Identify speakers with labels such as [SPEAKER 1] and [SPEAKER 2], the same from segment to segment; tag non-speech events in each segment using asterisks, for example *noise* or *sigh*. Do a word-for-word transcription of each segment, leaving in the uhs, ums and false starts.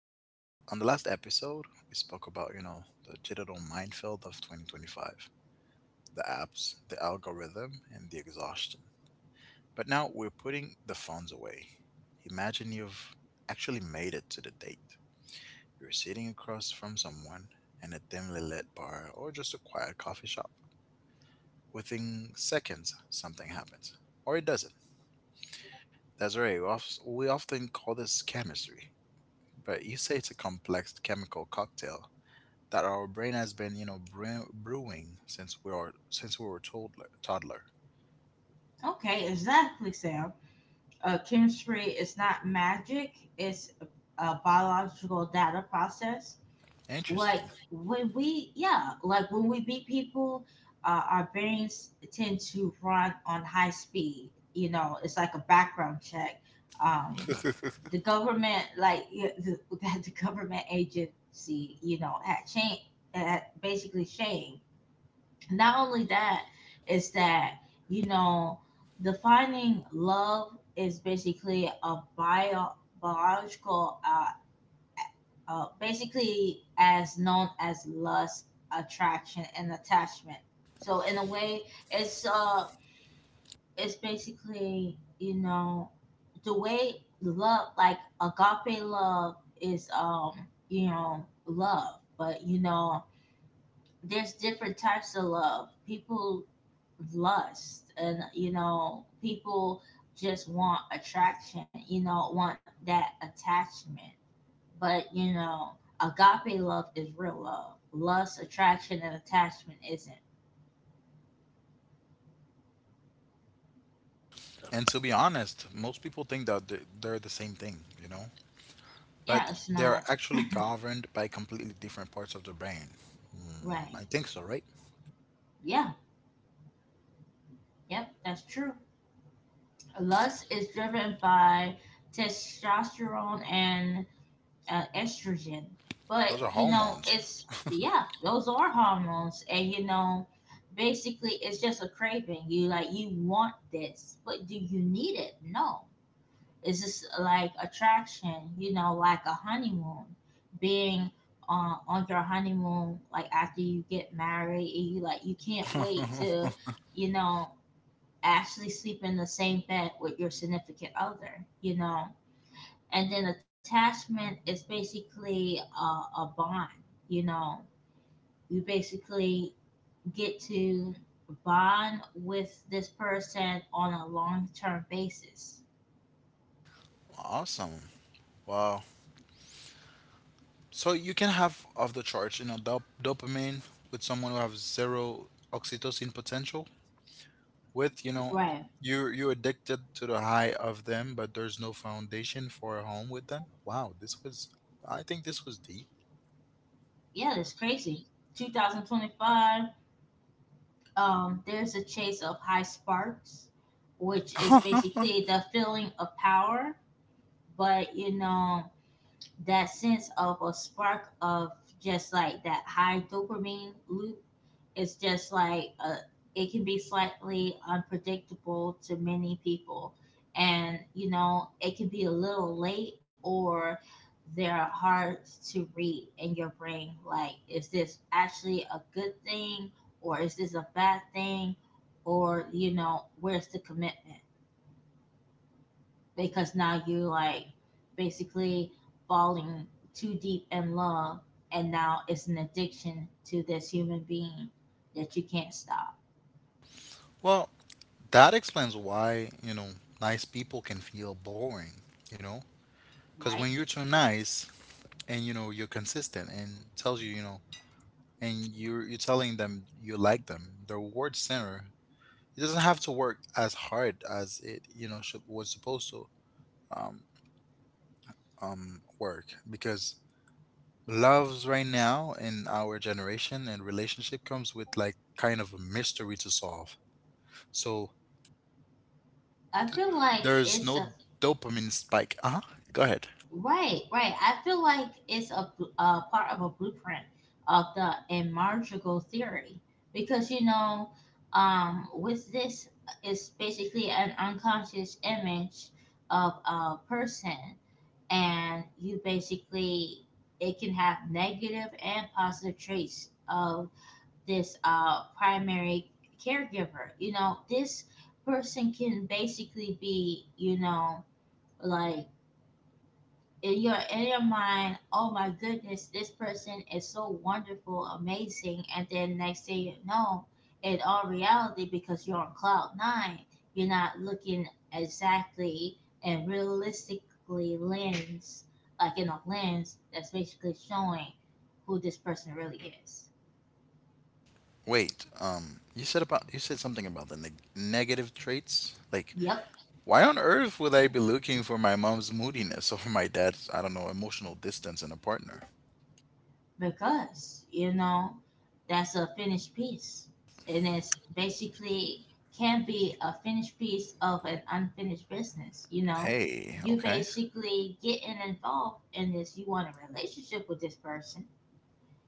[SPEAKER 1] the la- on the last episode, we spoke about, you know, the digital minefield of twenty twenty-five, the apps, the algorithm, and the exhaustion. But now we're putting the phones away. Imagine you've actually made it to the date. You're sitting across from someone in a dimly lit bar or just a quiet coffee shop. Within seconds, something happens. Or it doesn't. That's right. We of- we often call this chemistry. But you say it's a complex chemical cocktail that our brain has been, you know, brew- brewing since we are since we were toddler. toddler.
[SPEAKER 2] Okay, exactly, Sam. Uh, chemistry is not magic, it's a biological data process. Like
[SPEAKER 1] Interesting.
[SPEAKER 2] when we, yeah, like when we beat people, uh, our brains tend to run on high speed. You know, it's like a background check. Um, the government, like yeah, the, *laughs* The government agency, you know, had changed, had basically changed, not only that, is that, you know, defining love is basically a bio biological, uh, uh basically as known as lust, attraction, and attachment. So in a way, it's uh it's basically, you know, the way love, like agape love, is um you know, love. But you know, there's different types of love. People lust, and you know, people just want attraction, you know, want that attachment. But you know, agape love is real love. Lust, attraction, and attachment isn't.
[SPEAKER 1] And to be honest, most people think that they- they're the same thing, you know, but
[SPEAKER 2] Yeah, it's
[SPEAKER 1] they are
[SPEAKER 2] not
[SPEAKER 1] actually governed by completely different parts of the brain. Mm,
[SPEAKER 2] right.
[SPEAKER 1] I think so, right?
[SPEAKER 2] Yeah, yep, that's true. Lust is driven by testosterone and uh, estrogen. But
[SPEAKER 1] Those are
[SPEAKER 2] you know,
[SPEAKER 1] hormones.
[SPEAKER 2] it's yeah, those are hormones, and you know, basically, it's just a craving. You like, you want this, but do you need it? No. It's just like attraction. You know, like a honeymoon, being. Uh, on your honeymoon, like after you get married, and you like, you can't wait
[SPEAKER 1] *laughs*
[SPEAKER 2] to, you know, actually sleep in the same bed with your significant other. You know, and then attachment is basically a, a bond, you know. You basically get to bond with this person on a long-term basis.
[SPEAKER 1] Awesome. Wow. So you can have off the charts, you know, dop- dopamine with someone who has zero oxytocin potential. With you know,
[SPEAKER 2] Right.
[SPEAKER 1] you're you're addicted to the high of them, but there's no foundation for a home with them. Wow, this was i think this was deep.
[SPEAKER 2] Yeah, that's crazy. twenty twenty-five. Um, there's a chase of high sparks, which is
[SPEAKER 1] *laughs*
[SPEAKER 2] basically the feeling of power. But you know, that sense of a spark, of just like that high dopamine loop, is just like, uh it can be slightly unpredictable to many people. And you know, it can be a little late, or they're hard to read in your brain, like, is this actually a good thing, or is this a bad thing, or you know, where's the commitment? Because now you like, basically falling too deep in love, and now it's an addiction to this human being that you can't stop.
[SPEAKER 1] Well, that explains why, you know, nice people can feel boring, you know, because when
[SPEAKER 2] Right.
[SPEAKER 1] you're too nice and you know you're consistent and tells you, you know, and you're you're telling them you like them, the reward center, it doesn't have to work as hard as it, you know, should, was supposed to um um work, because loves right now in our generation and relationship comes with like kind of a mystery to solve. So
[SPEAKER 2] I feel like
[SPEAKER 1] there's no
[SPEAKER 2] it's a
[SPEAKER 1] dopamine spike. Uh huh. Go ahead.
[SPEAKER 2] Right, right. I feel like it's a, bl- a part of a blueprint of the emergical theory, because you know, um, with this, it's basically an unconscious image of a person, and you basically, it can have negative and positive traits of this uh, primary caregiver. You know, this person can basically be, you know, like, in your in your mind, oh my goodness, this person is so wonderful, amazing, and then next thing you know, in all reality, because you're on cloud nine, you're not looking exactly and realistically lens, like in a lens that's basically showing who this person really is.
[SPEAKER 1] Wait. Um. You said about you said something about the neg- negative traits. Like,
[SPEAKER 2] Yep.
[SPEAKER 1] why on earth would I be looking for my mom's moodiness *laughs* or my dad's, I don't know, emotional distance in a partner?
[SPEAKER 2] Because you know, that's a finished piece, and it's basically, can be a finished piece of an unfinished business, you know.
[SPEAKER 1] Hey.
[SPEAKER 2] You
[SPEAKER 1] Okay.
[SPEAKER 2] basically getting involved in this, you want a relationship with this person,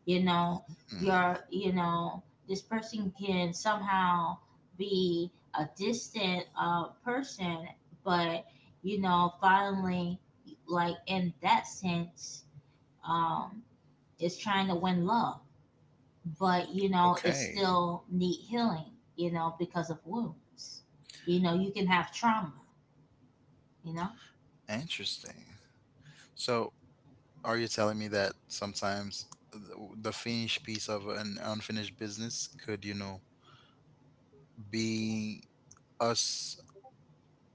[SPEAKER 2] you know.
[SPEAKER 1] Hmm.
[SPEAKER 2] You're you know, this person can somehow be a distant, uh, person. But you know, finally, like in that sense, um is trying to win love, but you know, it
[SPEAKER 1] Okay.
[SPEAKER 2] still need healing, you know, because of wounds. You know, you can have trauma, you know.
[SPEAKER 1] Interesting. So are you telling me that sometimes the the finished piece of an unfinished business could, you know, be us,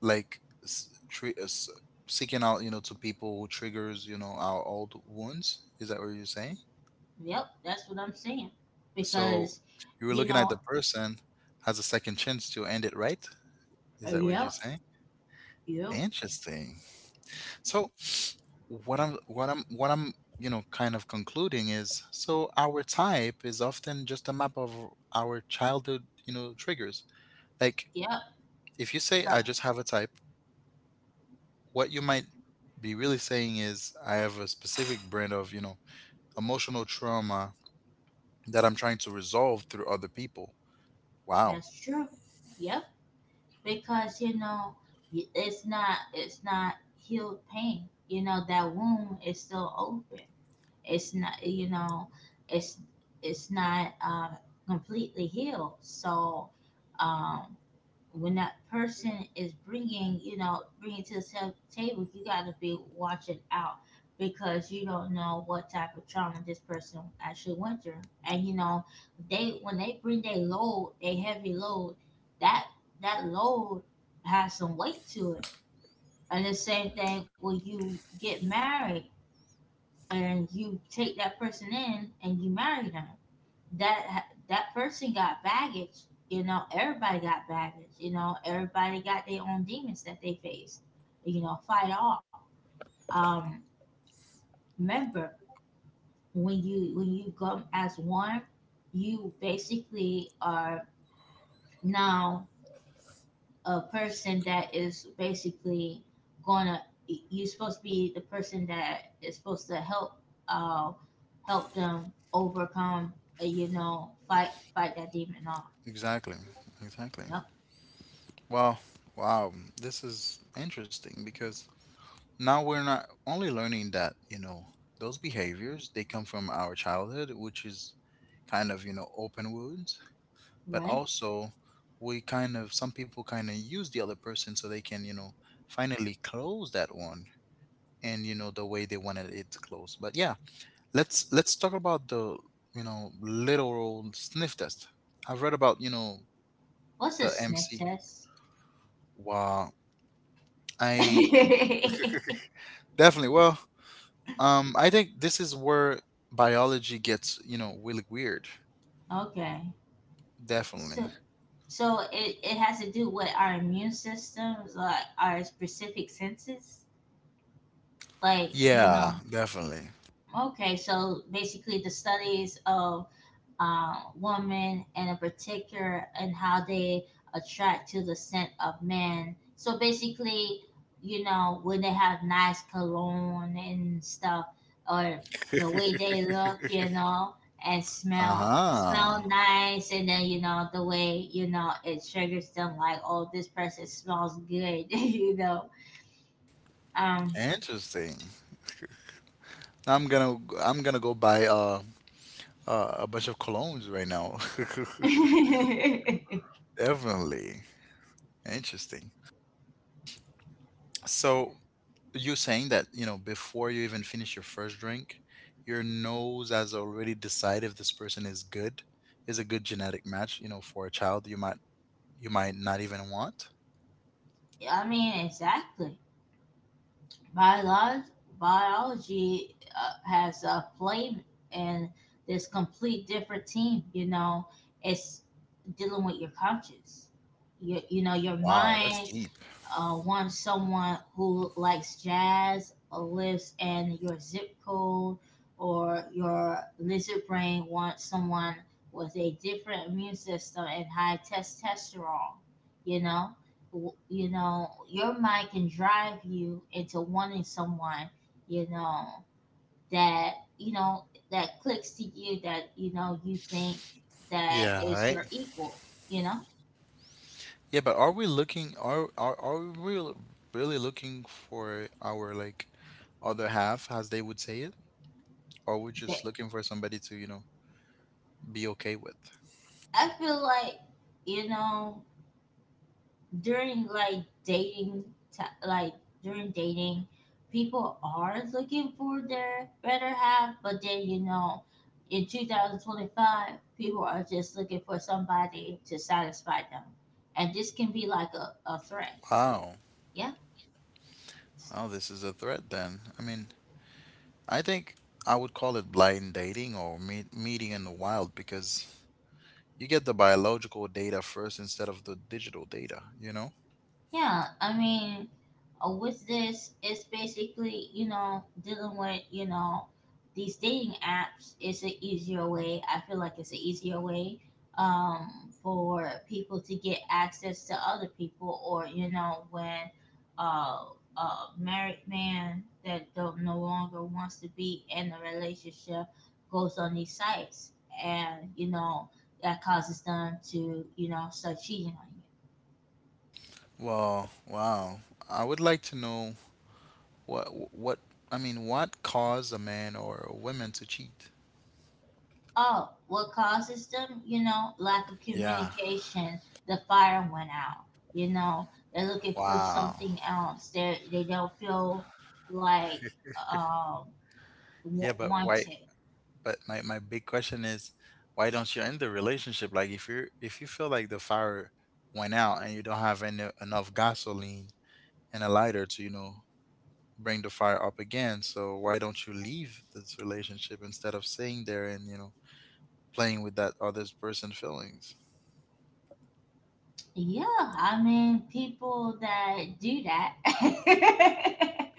[SPEAKER 1] like s- tre- us seeking out, you know, to people who triggers, you know, our old wounds? Is that what you're saying?
[SPEAKER 2] Yep, that's what I'm saying. Because
[SPEAKER 1] So you were
[SPEAKER 2] you
[SPEAKER 1] looking at
[SPEAKER 2] know,
[SPEAKER 1] the person has a second chance to end it, right?
[SPEAKER 2] uh,
[SPEAKER 1] Is that what you're
[SPEAKER 2] yep,
[SPEAKER 1] saying?
[SPEAKER 2] yep,
[SPEAKER 1] Interesting. So what I'm what I'm what I'm, you know, kind of concluding is so our type is often just a map of our childhood, you know, triggers. Like
[SPEAKER 2] yep,
[SPEAKER 1] if you say I
[SPEAKER 2] tra-
[SPEAKER 1] just have a type, what you might be really saying is I have a specific brand of, you know, emotional trauma that I'm trying to resolve through other people. Wow.
[SPEAKER 2] that's true. Yep. Because you know, y- it's not it's not healed pain, you know, that wound is still open. It's not, you know, it's it's not uh, completely healed. So um when that person is bringing you know bringing to the ta- table, you got to be watching out, because you don't know what type of trauma this person actually went through. And you know, they when they bring their load, their heavy load, that that load has some weight to it. And the same thing when you get married and you take that person in and you marry them. That that person got baggage. You know, everybody got baggage. You know, everybody got their own demons that they face. You know, fight off. Um, Remember, when you when you go as one, you basically are now a person that is basically gonna, you're supposed to be the person that is supposed to help, uh help them overcome, uh, you know, fight fight that demon off.
[SPEAKER 1] Exactly. Exactly.
[SPEAKER 2] Yep.
[SPEAKER 1] Well, wow. This is interesting because now we're not only learning that, you know, those behaviors, they come from our childhood, which is kind of, you know, open wounds, but
[SPEAKER 2] Right.
[SPEAKER 1] also we kind of, some people kind of use the other person so they can, you know, finally close that one, and you know, the way they wanted it to close. But yeah, let's let's talk about the, you know, literal sniff test. I've read about, you know,
[SPEAKER 2] What's a
[SPEAKER 1] the
[SPEAKER 2] sniff
[SPEAKER 1] MC.
[SPEAKER 2] test?
[SPEAKER 1] Wow. I definitely, well, um, I think this is where biology gets, you know, really weird.
[SPEAKER 2] *laughs* Okay.
[SPEAKER 1] Definitely.
[SPEAKER 2] So so it, it has to do with our immune systems, like our specific senses, like, you know.
[SPEAKER 1] Yeah, definitely.
[SPEAKER 2] Okay, so basically the studies of uh, woman and in particular, and how they attract to the scent of men. So basically, you know, when they have nice cologne and stuff, or the way
[SPEAKER 1] *laughs*
[SPEAKER 2] they look, you know, and smell,
[SPEAKER 1] Uh-huh.
[SPEAKER 2] smell nice, and then you know, the way, you know, it triggers them like, oh, this person smells good, *laughs* you know. Um,
[SPEAKER 1] Interesting. I'm gonna I'm gonna go buy uh, uh a bunch of colognes right now.
[SPEAKER 2] *laughs*
[SPEAKER 1] *laughs*
[SPEAKER 2] I
[SPEAKER 1] Definitely. Interesting. So you're saying that, you know, before you even finish your first drink, your nose has already decided if this person is good, is a good genetic match, you know, for a child you might, you might not even want?
[SPEAKER 2] mean, exactly. Biolog- Biology uh, has a play in this complete different team. You know, it's dealing with your conscious. You, you know, your
[SPEAKER 1] Wow, that's
[SPEAKER 2] mind
[SPEAKER 1] deep.
[SPEAKER 2] uh, want someone who likes jazz or lives in your zip code, or your lizard brain wants someone with a different immune system and high testosterone, you know. W- you know, your mind can drive you into wanting someone, you know, that, you know, that clicks to you, that you know, you think that
[SPEAKER 1] Yeah,
[SPEAKER 2] is
[SPEAKER 1] right.
[SPEAKER 2] your equal, you know.
[SPEAKER 1] Yeah, but are we looking, are are are we really really looking for our, like, other half, as they would say it? Or we're
[SPEAKER 2] But
[SPEAKER 1] just looking for somebody to, you know, be okay with?
[SPEAKER 2] I feel like, you know, during like dating, ti- like during dating, people are looking for their better half. But then you know, in twenty twenty-five, people are just looking for somebody to satisfy them, and this can be like a, a threat.
[SPEAKER 1] Wow.
[SPEAKER 2] Yeah.
[SPEAKER 1] Wow, this is a threat then. I mean, I think I would call it blind dating or meet, meeting in the wild, because you get the biological data first instead of the digital data, you know?
[SPEAKER 2] Yeah, I mean, uh, with this, it's basically, you know, dealing with, you know, these dating apps is an easier way. I feel like it's an easier way, um, for people to get access to other people, or, you know, when uh, a married man that don't, no longer wants to be in a relationship, goes on these sites and, you know, that causes them to, you know, start cheating on you.
[SPEAKER 1] Well, wow. I would like to know. What what I mean, what caused a man or a woman to cheat?
[SPEAKER 2] Oh, what causes them? You know, lack of
[SPEAKER 1] Yeah.
[SPEAKER 2] communication. The fire went out. You know, they're looking for
[SPEAKER 1] Wow.
[SPEAKER 2] something else. They they don't feel like, um w-
[SPEAKER 1] Yeah, but why,
[SPEAKER 2] wanted.
[SPEAKER 1] but my, my big question is why don't you end the relationship? Like if you're, if you feel like the fire went out and you don't have any enough gasoline and a lighter to, you know, bring the fire up again, so why don't you leave this relationship instead of staying there and, you know, playing with that other person's feelings?
[SPEAKER 2] Yeah, I mean, people that do that, *laughs*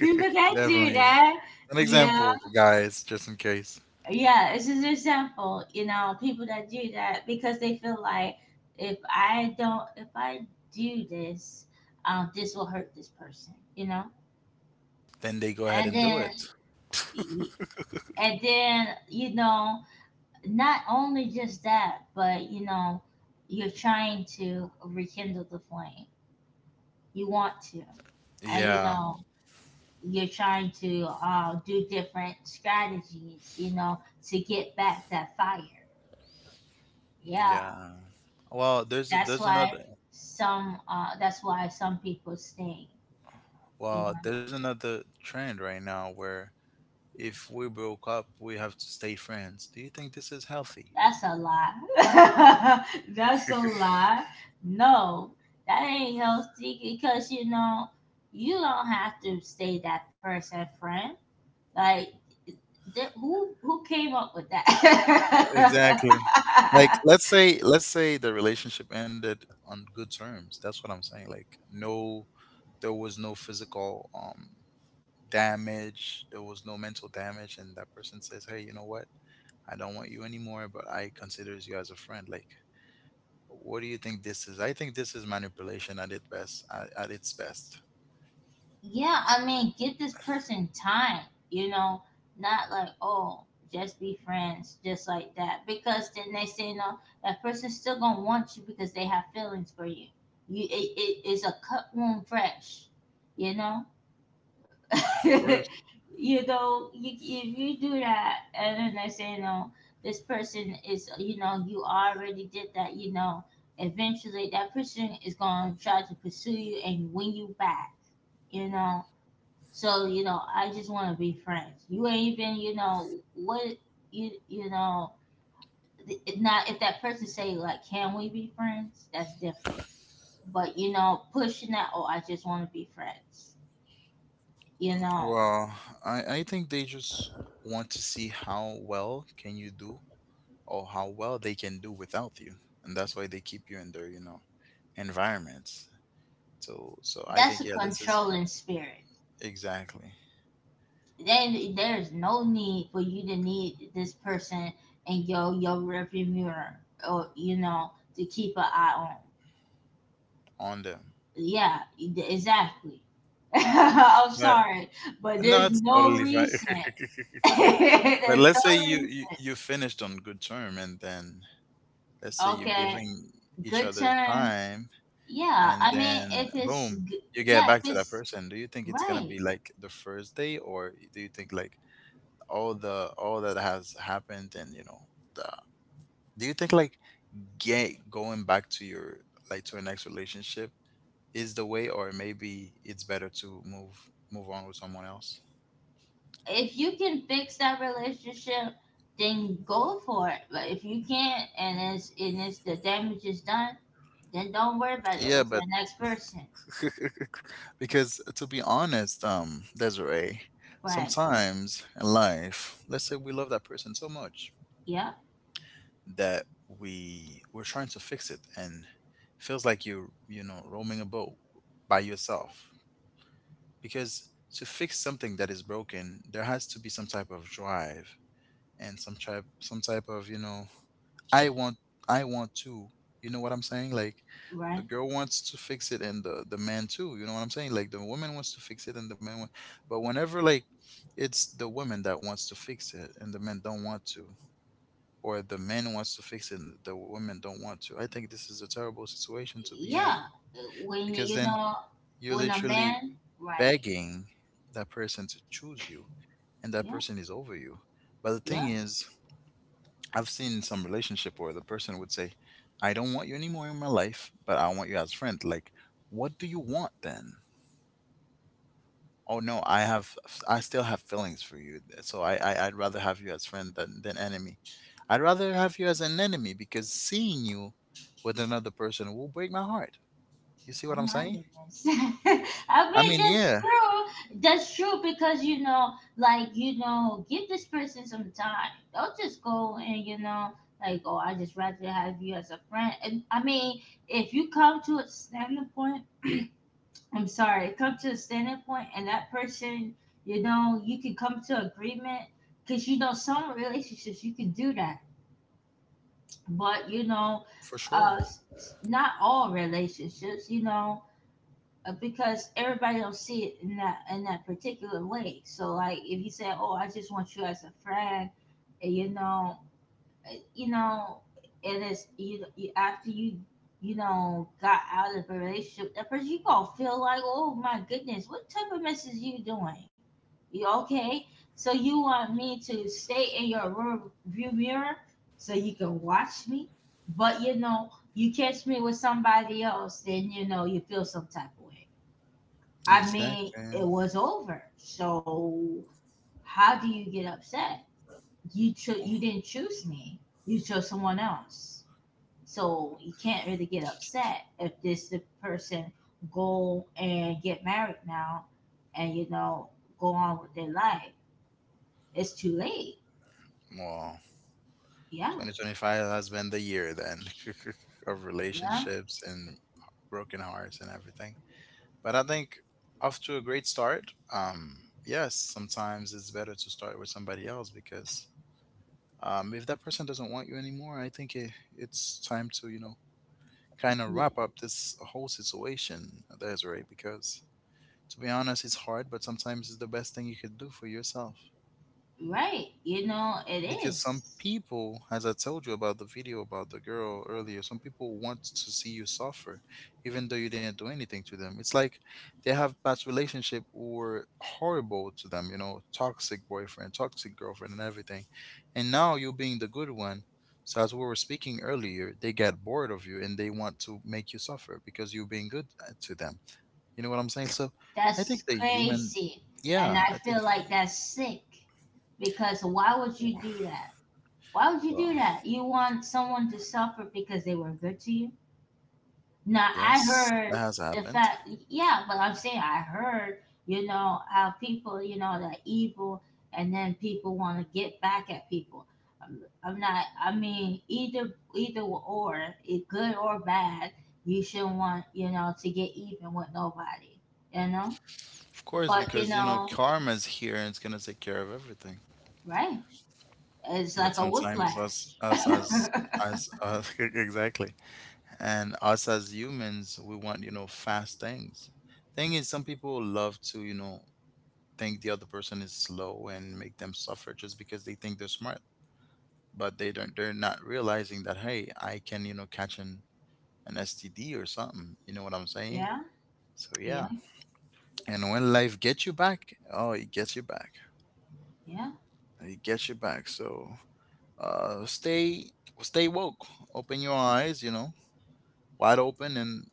[SPEAKER 2] people that do
[SPEAKER 1] Definitely.
[SPEAKER 2] that.
[SPEAKER 1] An
[SPEAKER 2] Yeah,
[SPEAKER 1] example, guys, just in case.
[SPEAKER 2] yeah, it's just an example, you know, people that do that because they feel like, if I don't, if I do this, um this will hurt this person, you know.
[SPEAKER 1] Then they go ahead
[SPEAKER 2] And
[SPEAKER 1] and do
[SPEAKER 2] then,
[SPEAKER 1] it.
[SPEAKER 2] and then you know, not only just that, but you know, you're trying to rekindle the flame, you want to. And you
[SPEAKER 1] Yeah,
[SPEAKER 2] know, you're trying to uh, do different strategies, you know, to get back that fire. Yeah.
[SPEAKER 1] yeah. Well, there's
[SPEAKER 2] That's
[SPEAKER 1] there's
[SPEAKER 2] why
[SPEAKER 1] another
[SPEAKER 2] some uh that's why some people stay. You
[SPEAKER 1] well,
[SPEAKER 2] know,
[SPEAKER 1] there's another trend right now where if we broke up, we have to stay friends. Do you think this is healthy?
[SPEAKER 2] that's a lie. *laughs* That's a lie. No, that ain't healthy, because you know, you don't have to stay that person friend. Like, th- who who came up with that?
[SPEAKER 1] Exactly. Like
[SPEAKER 2] *laughs*
[SPEAKER 1] let's say let's say the relationship ended on good terms. That's what I'm saying. Like, no, there was no physical, um, damage, there was no mental damage, and that person says, "Hey, you know what? I don't want you anymore, but I considers you as a friend." Like, what do you think this is? I think this is manipulation at its best. At, at its best.
[SPEAKER 2] Yeah, I mean, give this person time, you know, not like, oh, just be friends, just like that. Because then they say, no, that person's still going to want you, because they have feelings for you. you it, it is a cut wound fresh, you know? *laughs*
[SPEAKER 1] Worse.
[SPEAKER 2] You know, you, if you do that, and then they say, no, this person is, you know, you already did that, you know, eventually that person is going to try to pursue you and win you back, you know? So you know, I just want to be friends. You ain't even, you know what, you you know. th- Not if that person say, like, "Can we be friends?" That's different. But you know, pushing that, oh, I just want to be friends. You know,
[SPEAKER 1] Well, I, I think they just want to see how well can you do or how well they can do without you, and that's why they keep you in their, you know, environments. So so I
[SPEAKER 2] that's a
[SPEAKER 1] think, yeah, this is
[SPEAKER 2] controlling spirit.
[SPEAKER 1] exactly
[SPEAKER 2] Then there's no need for you to need this person and your your rearview mirror, or you know, to keep an eye on.
[SPEAKER 1] on them.
[SPEAKER 2] Yeah, e- exactly. *laughs* I'm
[SPEAKER 1] But
[SPEAKER 2] sorry, but
[SPEAKER 1] no,
[SPEAKER 2] there's
[SPEAKER 1] it's
[SPEAKER 2] no
[SPEAKER 1] totally fine.
[SPEAKER 2] reason. *laughs*
[SPEAKER 1] *laughs* But
[SPEAKER 2] There's
[SPEAKER 1] let's say
[SPEAKER 2] no
[SPEAKER 1] you,
[SPEAKER 2] reason.
[SPEAKER 1] you you finished on good term, and then let's say you're
[SPEAKER 2] Okay,
[SPEAKER 1] giving each
[SPEAKER 2] good
[SPEAKER 1] other
[SPEAKER 2] turn.
[SPEAKER 1] time,
[SPEAKER 2] Yeah,
[SPEAKER 1] and
[SPEAKER 2] I mean,
[SPEAKER 1] then
[SPEAKER 2] if it's
[SPEAKER 1] boom,
[SPEAKER 2] g-
[SPEAKER 1] you get
[SPEAKER 2] yeah, if
[SPEAKER 1] back to that
[SPEAKER 2] it's
[SPEAKER 1] person. Do you think it's gonna be
[SPEAKER 2] right,
[SPEAKER 1] like the first day, or do you think like all the all that has happened and you know the, do you think like get going back to your, like to your next relationship is the way, or maybe it's better to move move on with someone else?
[SPEAKER 2] if you can fix that relationship, then go for it. But if you can't, and it's and it's the damage is done, then don't worry about it. Go
[SPEAKER 1] Yeah,
[SPEAKER 2] to
[SPEAKER 1] but
[SPEAKER 2] the next person.
[SPEAKER 1] *laughs* because to be honest, um, Desiree,
[SPEAKER 2] Right?
[SPEAKER 1] sometimes in life, let's say we love that person so much
[SPEAKER 2] Yeah.
[SPEAKER 1] that we we're trying to fix it and feels like you're, you know, roaming a boat by yourself, because to fix something that is broken there has to be some type of drive and some type, some type of, you know, I want, I want to you know what I'm saying, like the
[SPEAKER 2] Right.
[SPEAKER 1] girl wants to fix it and the the man too, you know what I'm saying, like the woman wants to fix it and the man wa- but whenever, like, it's the woman that wants to fix it and the men don't want to, or the man wants to fix it and the women don't want to. I think this is a terrible situation to be in,
[SPEAKER 2] Yeah. When
[SPEAKER 1] because
[SPEAKER 2] you
[SPEAKER 1] then
[SPEAKER 2] know.
[SPEAKER 1] you're
[SPEAKER 2] When a
[SPEAKER 1] literally
[SPEAKER 2] man. Right.
[SPEAKER 1] begging that person to choose you, and that
[SPEAKER 2] Yeah.
[SPEAKER 1] person is over you. But the thing
[SPEAKER 2] Yeah.
[SPEAKER 1] is, I've seen some relationship where the person would say, I don't want you anymore in my life, but I want you as friend. Like, what do you want then? Oh no, I have, I still have feelings for you. eh, So I, I I'd rather have you as friend than than enemy. I'd rather have you as an enemy because seeing you with another person will break my heart. You see
[SPEAKER 2] Oh
[SPEAKER 1] what I'm
[SPEAKER 2] my
[SPEAKER 1] saying?
[SPEAKER 2] goodness. *laughs* I
[SPEAKER 1] I
[SPEAKER 2] mean,
[SPEAKER 1] mean,
[SPEAKER 2] that's
[SPEAKER 1] yeah,
[SPEAKER 2] true. That's true, because, you know, like, you know, give this person some time. Don't just go and, you know, like, oh, I just rather have you as a friend. And I mean, if you come to a standing point, I'm sorry, come to a standing point, and that person, you know, you can come to agreement, because, you know, some relationships you can do that. But, you know,
[SPEAKER 1] for sure.
[SPEAKER 2] uh, s- s- not all relationships, you know, uh, because everybody don't see it in that in that particular way. So like if you say, "Oh, I just want you as a friend," and you know, you know, and it's you, you after you you know got out of a relationship, that person you gonna feel like, "Oh my goodness, what type of mess is you doing?" You okay? So you want me to stay in your rear view mirror so you can watch me, but you know you catch me with somebody else, then you know you feel some type of way. I
[SPEAKER 1] Exactly.
[SPEAKER 2] mean, it was over. So how do you get upset? You cho- you didn't choose me. You chose someone else. So you can't really get upset if this the person go and get married now, and you know go on with their life. It's too late.
[SPEAKER 1] Well,
[SPEAKER 2] Yeah,
[SPEAKER 1] twenty twenty-five has been the year then *laughs* of
[SPEAKER 2] yeah,
[SPEAKER 1] relationships and broken hearts and everything. But I think off to a great start. Um, yes, sometimes it's better to start with somebody else because, um, if that person doesn't want you anymore, I think it, it's time to, you know, kind of
[SPEAKER 2] y-
[SPEAKER 1] wrap up this whole situation, Desiree, because to be honest it's hard, but sometimes it's the best thing you could do for yourself,
[SPEAKER 2] right. You know it
[SPEAKER 1] because some
[SPEAKER 2] is.
[SPEAKER 1] people, as I told you about the video about the girl earlier, some people want to see you suffer even though you didn't do anything to them. It's like they have past relationship were horrible to them, you know, toxic boyfriend, toxic girlfriend and everything, and now you being the good one, so as we were speaking earlier, they get bored of you and they want to make you suffer because you're being good, uh, to them, you know what I'm saying? So I think
[SPEAKER 2] That's
[SPEAKER 1] the human,
[SPEAKER 2] crazy, and
[SPEAKER 1] yeah,
[SPEAKER 2] I
[SPEAKER 1] I think,
[SPEAKER 2] feel like that's sick because why would you do
[SPEAKER 1] oh,
[SPEAKER 2] that? Why would you
[SPEAKER 1] well,
[SPEAKER 2] do that? You want someone to suffer because they were good to you? Now, I
[SPEAKER 1] yes, that
[SPEAKER 2] heard
[SPEAKER 1] has
[SPEAKER 2] the
[SPEAKER 1] happened.
[SPEAKER 2] fact, yeah, but I'm saying I heard, you know, how people, you know, they're evil and then people want to get back at people. I'm, I'm not, I mean, either, either or, it good or bad, you shouldn't want, you know, to get even with nobody, you know?
[SPEAKER 1] Of course,
[SPEAKER 2] But, you
[SPEAKER 1] because you know
[SPEAKER 2] know,
[SPEAKER 1] karma's here and it's gonna take care of everything.
[SPEAKER 2] right. It's
[SPEAKER 1] But
[SPEAKER 2] like a
[SPEAKER 1] sometimes us,
[SPEAKER 2] whiplash.
[SPEAKER 1] us
[SPEAKER 2] *laughs*
[SPEAKER 1] as as us *laughs* exactly, and us as humans, we want, you know, fast things. Thing is, some people love to, you know, think the other person is slow and make them suffer just because they think they're smart, but they don't. They're not realizing that hey, I can, you know, catch an an S T D or something. You know what I'm saying?
[SPEAKER 2] Yeah,
[SPEAKER 1] So
[SPEAKER 2] yeah,
[SPEAKER 1] yeah, and when life gets you back, oh, it gets you back.
[SPEAKER 2] yeah,
[SPEAKER 1] It gets you back. So uh, stay stay woke. Open your eyes, you know, wide open, and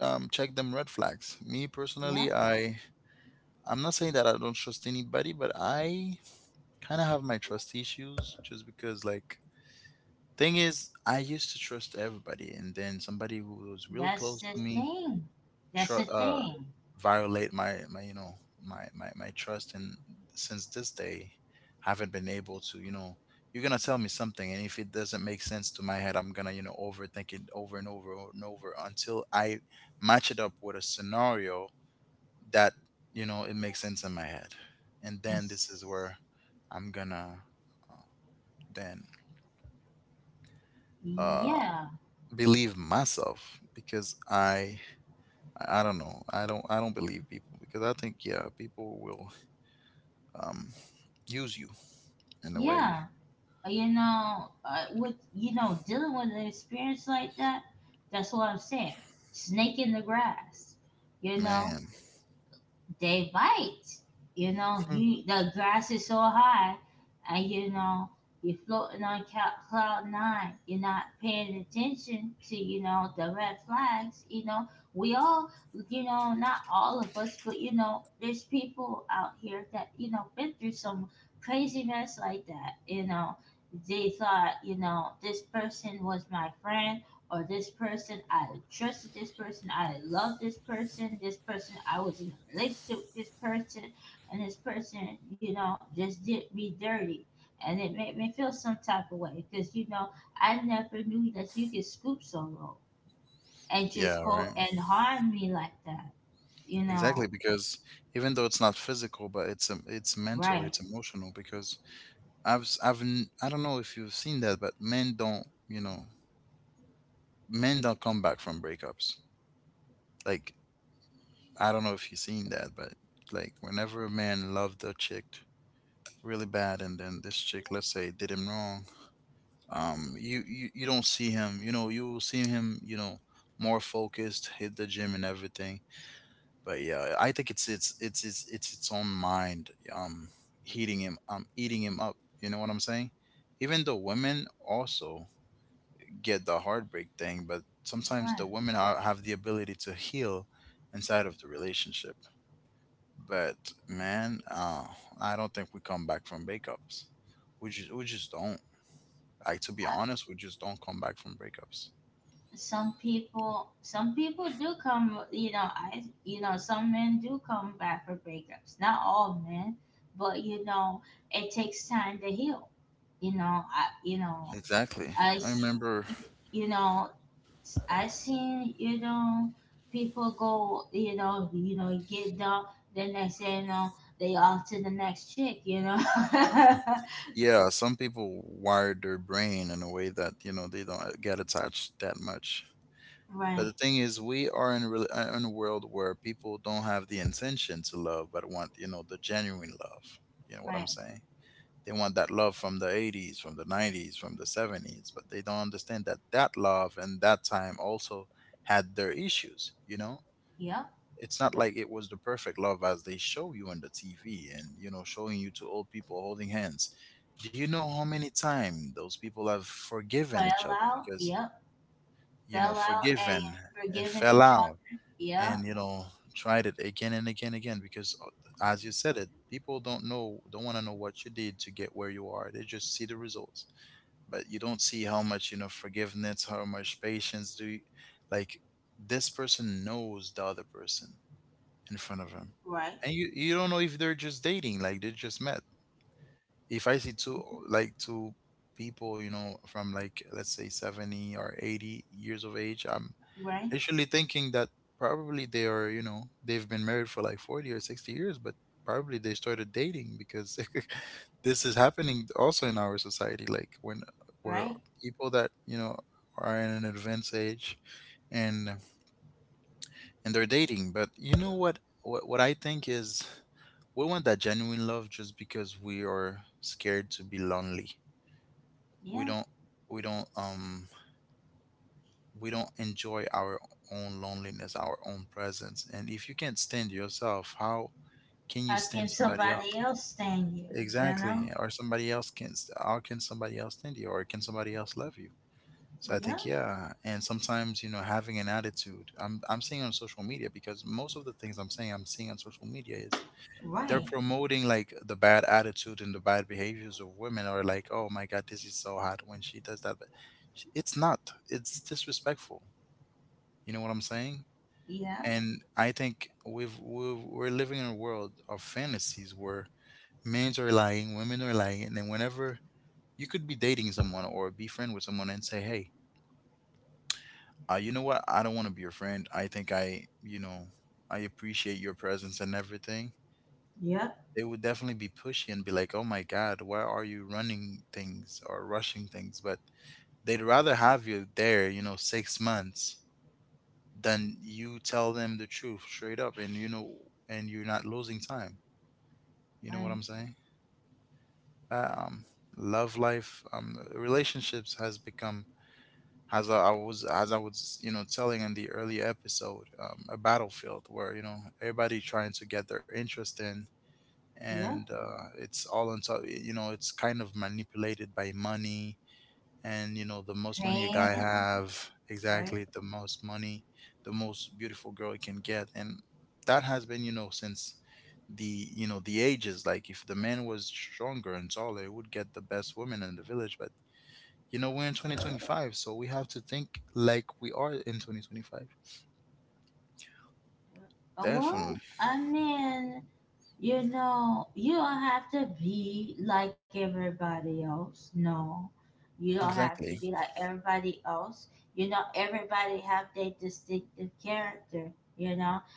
[SPEAKER 1] um, check them red flags. Me
[SPEAKER 2] yeah.
[SPEAKER 1] personally, I I'm not saying that I don't trust anybody, but I kind of have my trust issues just because, like, thing is I used to trust everybody, and then somebody who was really
[SPEAKER 2] That's
[SPEAKER 1] close
[SPEAKER 2] the
[SPEAKER 1] to me
[SPEAKER 2] thing. That's the
[SPEAKER 1] tr- uh,
[SPEAKER 2] thing.
[SPEAKER 1] violate my my you know my my my trust, and since this day haven't been able to you know you're gonna tell me something, and if it doesn't make sense to my head I'm gonna, you know, overthink it over and over and over until I match it up with a scenario that, you know, it makes sense in my head. And then this is
[SPEAKER 2] It's
[SPEAKER 1] where I'm gonna uh, then uh
[SPEAKER 2] yeah,
[SPEAKER 1] believe myself because I I I don't know. I don't. I don't believe people because I think, yeah, people will um use you in a way,
[SPEAKER 2] yeah. Uh, You know, uh, with you know dealing with an experience like that, that's what I'm saying. Snake in the grass. You know,
[SPEAKER 1] man.
[SPEAKER 2] they bite. You know,
[SPEAKER 1] Hmm.
[SPEAKER 2] you the grass is so high, and you know you're floating on cou- cloud nine. You're not paying attention to you know the red flags. You know, we all, you know, not all of us, but you know, there's people out here that you know been through some crazy mess like that. You know, they thought you know this person was my friend or this person, I trusted this person, I loved this person, this person, I was in a relationship with this person, and this person, you know, just did me dirty. And it made me feel some type of way because, you know, I never knew that you could scoop so low and just
[SPEAKER 1] Yeah,
[SPEAKER 2] go
[SPEAKER 1] right.
[SPEAKER 2] and harm me like that, you know?
[SPEAKER 1] Exactly, because even though it's not physical, but it's um, it's
[SPEAKER 2] Right,
[SPEAKER 1] mental, it's emotional. Because I've s- I've n- I don't know if you've seen that, but men don't you know men don't come back from breakups. Like, I don't know if you've seen that, but like whenever a man loved a chick really bad and then this chick, let's say, did him wrong, um you, you you don't see him, you know, you will see him, you know, more focused, hit the gym and everything. But yeah, I think it's it's it's it's it's its own mind um heating him um eating him up, you know what I'm saying? Even the women also get the heartbreak thing, but sometimes the
[SPEAKER 2] right.
[SPEAKER 1] women are, have the ability to heal inside of the relationship. But man, uh I don't think we come back from breakups. We just we just don't. Like, to be honest, we just don't come back from breakups.
[SPEAKER 2] Some people, some people do come, you know I you know some men do come back for breakups, not all men, but you know it takes time to heal. you know i you know
[SPEAKER 1] Exactly.
[SPEAKER 2] i
[SPEAKER 1] I
[SPEAKER 2] s-
[SPEAKER 1] remember,
[SPEAKER 2] y- you know, i seen you know people go, you know you know get down, then they say, you know they off to the next chick, you know. *laughs*
[SPEAKER 1] yeah, some people wired their brain in a way that, you know, they don't get attached that much. But the
[SPEAKER 2] Right,
[SPEAKER 1] thing is, we are in, re- uh, in a world where people don't have the intention to love, but want, you know, the genuine love. You know what
[SPEAKER 2] right,
[SPEAKER 1] I'm saying? They want that love from the eighties, from the nineties, from the seventies, but they don't understand that that love and that time also had their issues, you know?
[SPEAKER 2] yep.
[SPEAKER 1] It's not like it was the perfect love as they show you on the T V and, you know, showing you two old people holding hands. Do you know how many times those people have forgiven
[SPEAKER 2] Fell
[SPEAKER 1] each other?
[SPEAKER 2] out,
[SPEAKER 1] Because,
[SPEAKER 2] yep.
[SPEAKER 1] you
[SPEAKER 2] Fell
[SPEAKER 1] know,
[SPEAKER 2] out and
[SPEAKER 1] forgiven and
[SPEAKER 2] forgiving
[SPEAKER 1] fell
[SPEAKER 2] each other.
[SPEAKER 1] out
[SPEAKER 2] Yeah,
[SPEAKER 1] and, you know, tried it again and again and again. Because uh, as you said it, people don't know, don't want to know what you did to get where you are, they just see the results. But you don't see how much, you know, forgiveness, how much patience, do you, like, this person knows the other person in front of him.
[SPEAKER 2] right,
[SPEAKER 1] And you, you don't know if they're just dating, like they just met. If I see two like two people, you know, from, like, let's say seventy or eighty years of age, I'm
[SPEAKER 2] right,
[SPEAKER 1] literally thinking that probably they are, you know, they've been married for like forty or sixty years, but probably they started dating because *laughs* this is happening also in our society, like when,
[SPEAKER 2] right.
[SPEAKER 1] where people that, you know, are in an advanced age and and they're dating. But you know what? What, what I think is we want that genuine love just because we are scared to be lonely.
[SPEAKER 2] Yeah.
[SPEAKER 1] We don't we don't um we don't enjoy our own loneliness, our own presence. And if you can't stand yourself, how can
[SPEAKER 2] How
[SPEAKER 1] you
[SPEAKER 2] can
[SPEAKER 1] stand somebody
[SPEAKER 2] somebody
[SPEAKER 1] else?
[SPEAKER 2] else stand you? You know?
[SPEAKER 1] Exactly. Or somebody else can, how can somebody else stand you or can somebody else love you? So I
[SPEAKER 2] Yeah,
[SPEAKER 1] think, yeah, and sometimes, you know, having an attitude. I'm I'm seeing on social media, because most of the things I'm saying I'm seeing on social media, is
[SPEAKER 2] right.
[SPEAKER 1] they're promoting, like, the bad attitude and the bad behaviors of women are, like, oh my god, this is so hot when she does that. But sh- it's not, it's disrespectful. You know what I'm saying?
[SPEAKER 2] Yeah,
[SPEAKER 1] And I think we've, we've we're living in a world of fantasies where men are lying, women are lying. And then whenever you could be dating someone or be friend with someone and say, hey, uh, you know what, I don't want to be your friend, I think i you know I appreciate your presence and everything,
[SPEAKER 2] yep,
[SPEAKER 1] they would definitely be pushy and be like, "Oh my God, why are you running things or rushing things?" But they'd rather have you there, you know, six months than you tell them the truth straight up, and you know, and you're not losing time. You know what
[SPEAKER 2] right.
[SPEAKER 1] I'm saying? Um, love life, um, relationships has become, as I I was as I was, you know, telling in the earlier episode, um, a battlefield where, you know, everybody trying to get their interest in. And
[SPEAKER 2] Yep.
[SPEAKER 1] uh, it's all on top. You know, it's kind of manipulated by money, and you know, the most money a guy
[SPEAKER 2] Fan,
[SPEAKER 1] have,
[SPEAKER 2] right.
[SPEAKER 1] exactly, the most money, the most beautiful girl he can get. And that has been, you know, since the you know the ages. Like, if the man was stronger and taller, he would get the best woman in the village. But you know, we're in twenty twenty-five, so we have to think like we are in twenty twenty-five.
[SPEAKER 2] Oh,
[SPEAKER 1] Definitely.
[SPEAKER 2] well, I mean, you know, you don't have to be like everybody else. No. You don't have to
[SPEAKER 1] Exactly.
[SPEAKER 2] be like everybody else. You know, everybody have their distinctive character. You know,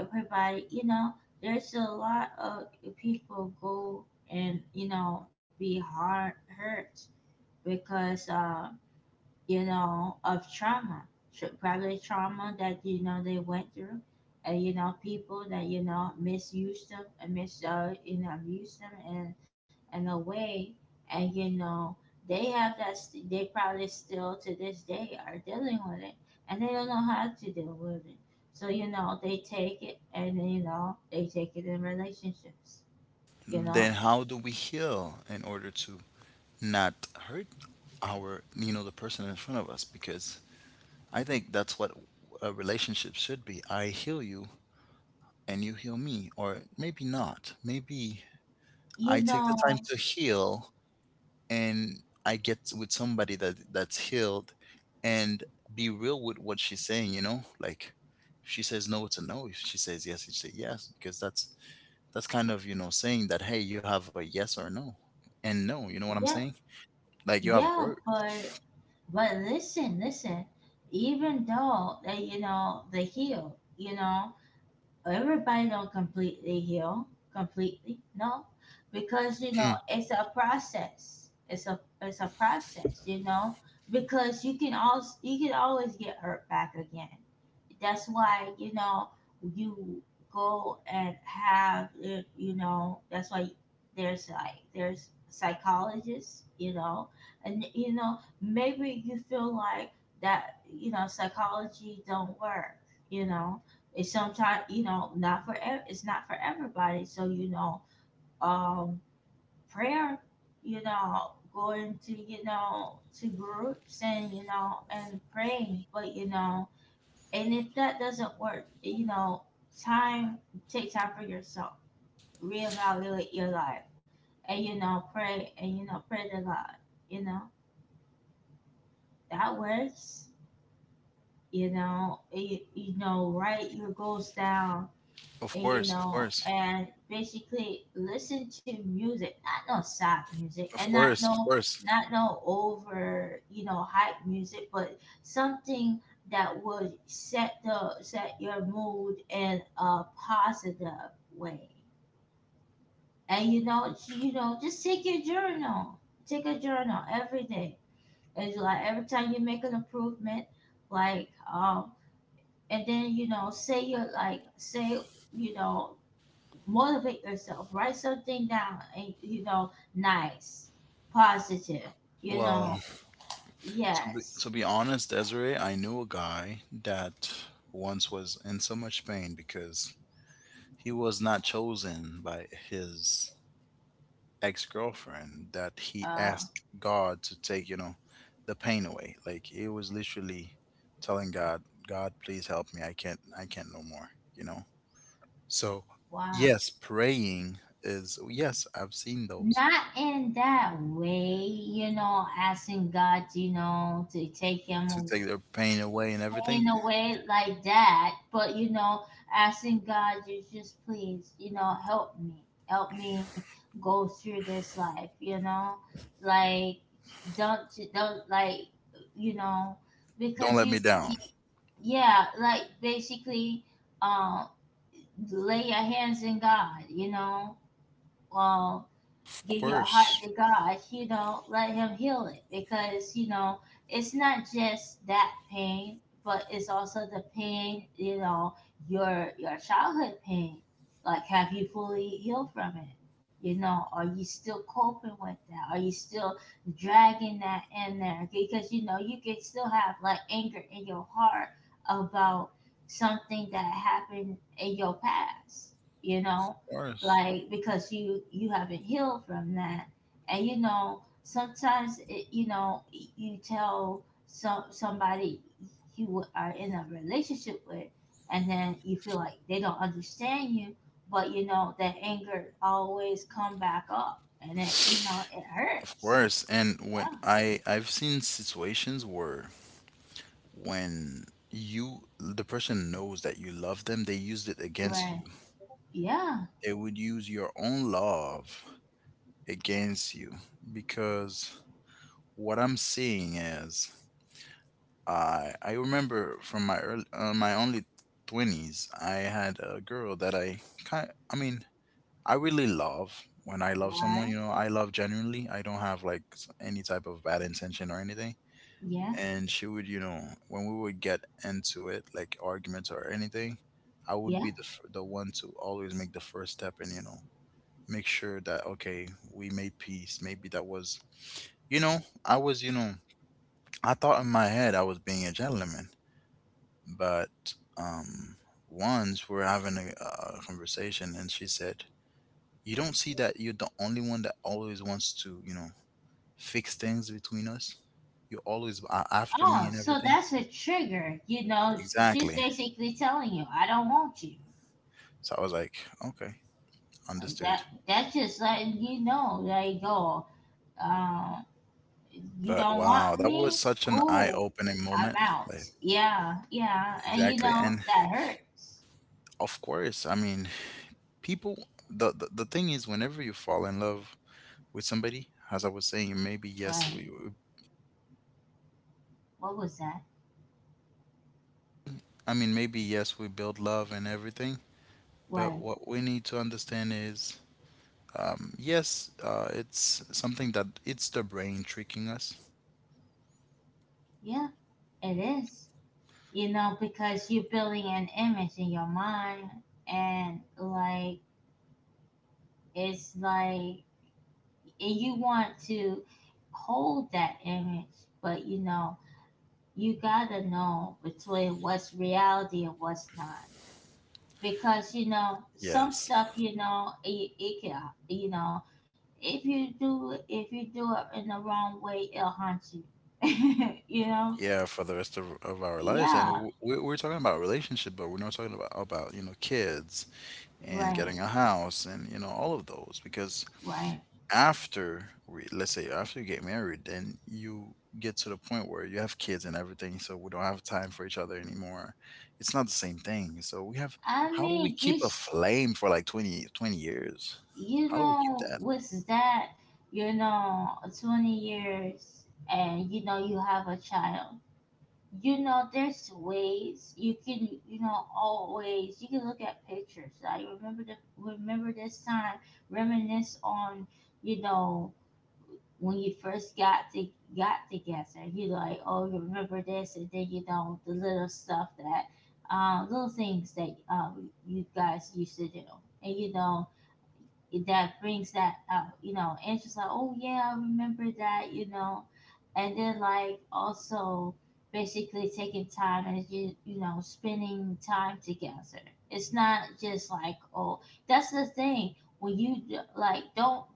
[SPEAKER 2] everybody you know there's a lot of people go and you know be hard hurt because uh you know, of trauma, tr- probably trauma that you know they went through, and you know, people that you know misused them and mis uh, you know, abused them in in a way, and you know they have that st- they probably still to this day are dealing with it, and they don't know how to deal with it. So you know they take it, and you know they take it in relationships. You
[SPEAKER 1] Then
[SPEAKER 2] know,
[SPEAKER 1] how do we heal in order to not hurt our, you know, the person in front of us? Because I think that's what a relationship should be. I heal you and you heal me. Or maybe not, maybe I
[SPEAKER 2] you
[SPEAKER 1] take the time
[SPEAKER 2] know,
[SPEAKER 1] to heal, and I get with somebody that that's healed, and be real with what she's saying. You know, like, if she says no, it's a no, if she says yes, it's a yes. Because that's that's kind of, you know, saying that, hey, you have a yes or no, and no, you know what I'm
[SPEAKER 2] yeah,
[SPEAKER 1] saying? Like, you have
[SPEAKER 2] yeah,
[SPEAKER 1] work.
[SPEAKER 2] but But listen, listen, even though they, you know, they heal, you know, everybody don't completely heal completely. No. Because you know it's a process, it's a it's a process, you know. Because you can also you can always get hurt back again. That's why you know you go and have uh, you know, that's why there's like there's psychologists, you know, and you know maybe you feel like that you know psychology don't work, you know, it's sometimes you know not for ev- it's not for everybody, so you know um prayer, you know, going to you know to groups, and you know and praying, but you know and if that doesn't work, you know, time, take time for yourself, reevaluate your life, and you know pray, and you know pray to God, you know. That works. You know you, you know write your goals down,
[SPEAKER 1] Of
[SPEAKER 2] you
[SPEAKER 1] course, of
[SPEAKER 2] know,
[SPEAKER 1] course,
[SPEAKER 2] and basically listen to music, not no soft music, and
[SPEAKER 1] of
[SPEAKER 2] not
[SPEAKER 1] course, of
[SPEAKER 2] no
[SPEAKER 1] course.
[SPEAKER 2] not no over you know hype music, but something that would set the set your mood in a positive way. And you know, j- you know, just take your journal, take a journal every day. It's like every time you make an improvement, like um, and then you know, say you're like say you know motivate yourself. Write something down, and, you know, nice, positive. You
[SPEAKER 1] Well,
[SPEAKER 2] know,
[SPEAKER 1] to be, to
[SPEAKER 2] yes.
[SPEAKER 1] be honest, Desiree, I knew a guy that once was in so much pain because he was not chosen by his ex girlfriend that he
[SPEAKER 2] Uh,
[SPEAKER 1] asked God to take, you know, the pain away. Like, he was literally telling God, God, please help me. I can't, I can't no more, you know? So,
[SPEAKER 2] wow.
[SPEAKER 1] yes, praying is, yes, I've seen those,
[SPEAKER 2] Not in that way, you know, asking God, you know, to take
[SPEAKER 1] to
[SPEAKER 2] him
[SPEAKER 1] take their pain away and everything.
[SPEAKER 2] in a way like that, but you know, asking God, you just please, you know, help me, help me go through this life, you know, like don't don't like you know
[SPEAKER 1] Don't
[SPEAKER 2] because
[SPEAKER 1] let
[SPEAKER 2] you
[SPEAKER 1] me down.
[SPEAKER 2] yeah, like basically um lay your hands in God, you know, um,
[SPEAKER 1] Of
[SPEAKER 2] give your heart
[SPEAKER 1] course,
[SPEAKER 2] to God, you know, let Him heal it, because, you know, it's not just that pain, but it's also the pain, you know, your your childhood pain. Like, have you fully healed from it? You know, are you still coping with that? Are you still dragging that in there? Because, you know, you can still have like anger in your heart about something that happened in your past, you
[SPEAKER 1] of
[SPEAKER 2] know?
[SPEAKER 1] course,
[SPEAKER 2] Like because you you haven't healed from that, and you know sometimes it, you know, y- you tell some somebody you w- are in a relationship with, and then you feel like they don't understand you, but you know that anger always come back up, and it you know it
[SPEAKER 1] of
[SPEAKER 2] hurts.
[SPEAKER 1] course. And when
[SPEAKER 2] Yeah,
[SPEAKER 1] I I've seen situations where when you, the person knows that you love them, they used it against
[SPEAKER 2] right.
[SPEAKER 1] you.
[SPEAKER 2] Yeah,
[SPEAKER 1] They would use your own love against you. Because what I'm seeing is, I I remember from my early uh, my only twenties, I had a girl that I kind I mean, I really love, when I love someone,
[SPEAKER 2] why?
[SPEAKER 1] you know, I love genuinely. I don't have like s- any type of bad intention or anything.
[SPEAKER 2] Yeah,
[SPEAKER 1] And she would, you know, when we would get into it, like arguments or anything, I would
[SPEAKER 2] yeah.
[SPEAKER 1] be the, f- the one to always make the first step and, you know, make sure that, okay, we made peace. Maybe that was, you know, I was, you know, I thought in my head I was being a gentleman. But, um, once we are having a, a conversation and she said, you don't see that you're the only one that always wants to, you know, fix things between us? You always are after me
[SPEAKER 2] Oh,
[SPEAKER 1] and
[SPEAKER 2] so
[SPEAKER 1] everything.
[SPEAKER 2] that's a trigger. You know, she's
[SPEAKER 1] Exactly.
[SPEAKER 2] basically telling you, I don't want you.
[SPEAKER 1] So I was like, okay,
[SPEAKER 2] Uh,
[SPEAKER 1] understood.
[SPEAKER 2] that that's just letting you know like go, uh, you
[SPEAKER 1] But
[SPEAKER 2] don't want
[SPEAKER 1] wow, that was
[SPEAKER 2] me,
[SPEAKER 1] such an
[SPEAKER 2] cool.
[SPEAKER 1] eye-opening
[SPEAKER 2] I'm
[SPEAKER 1] moment,
[SPEAKER 2] out.
[SPEAKER 1] like,
[SPEAKER 2] Yeah, yeah. And you
[SPEAKER 1] exactly. And
[SPEAKER 2] know that hurts,
[SPEAKER 1] of course, I mean, people, the, the the thing is, whenever you fall in love with somebody, as I was saying, maybe yes,
[SPEAKER 2] right.
[SPEAKER 1] we we-
[SPEAKER 2] What was that?
[SPEAKER 1] I mean, maybe yes, we build love and everything. But
[SPEAKER 2] Right,
[SPEAKER 1] what we need to understand is, Um, yes, uh, it's something that, it's the brain tricking us.
[SPEAKER 2] yeah. It is, you know, because you're building an image in your mind, and like it's like, and you want to hold that image, but you know you gotta know between what's reality and what's not. Because you know some
[SPEAKER 1] Yes.
[SPEAKER 2] stuff you know it, it can, you know, if you do if you do it in the wrong way, it'll haunt you. *laughs* You know,
[SPEAKER 1] Yeah, for the rest of, of our lives. And
[SPEAKER 2] yeah,
[SPEAKER 1] w- we- we're talking about relationship, but we're not talking about, about, you know, kids and
[SPEAKER 2] right,
[SPEAKER 1] getting a house and, you know, all of those. Because
[SPEAKER 2] right.
[SPEAKER 1] after, we, let's say, after you get married, then you get to the point where you have kids and everything. So we don't have time for each other anymore. It's not the same thing. So we have,
[SPEAKER 2] I
[SPEAKER 1] how do we
[SPEAKER 2] mean, you
[SPEAKER 1] keep a
[SPEAKER 2] s-
[SPEAKER 1] flame for like twenty twenty years?
[SPEAKER 2] you
[SPEAKER 1] How do we keep
[SPEAKER 2] know,
[SPEAKER 1] that?
[SPEAKER 2] what's that? You know, twenty years, and you know you have a child. You know, there's ways you can you know always you can look at pictures. I remember the, remember this time, reminisce on, you know, when you first got to got together. You like, oh, you remember this? And then you know, the little stuff that uh, little things that uh, you guys used to do, and you know it- that brings that out, you know, and she's like, oh yeah, I remember that, you know. And then like also basically taking time, and you you know spending time together. It's not just like oh, that's the thing, when you d- like don't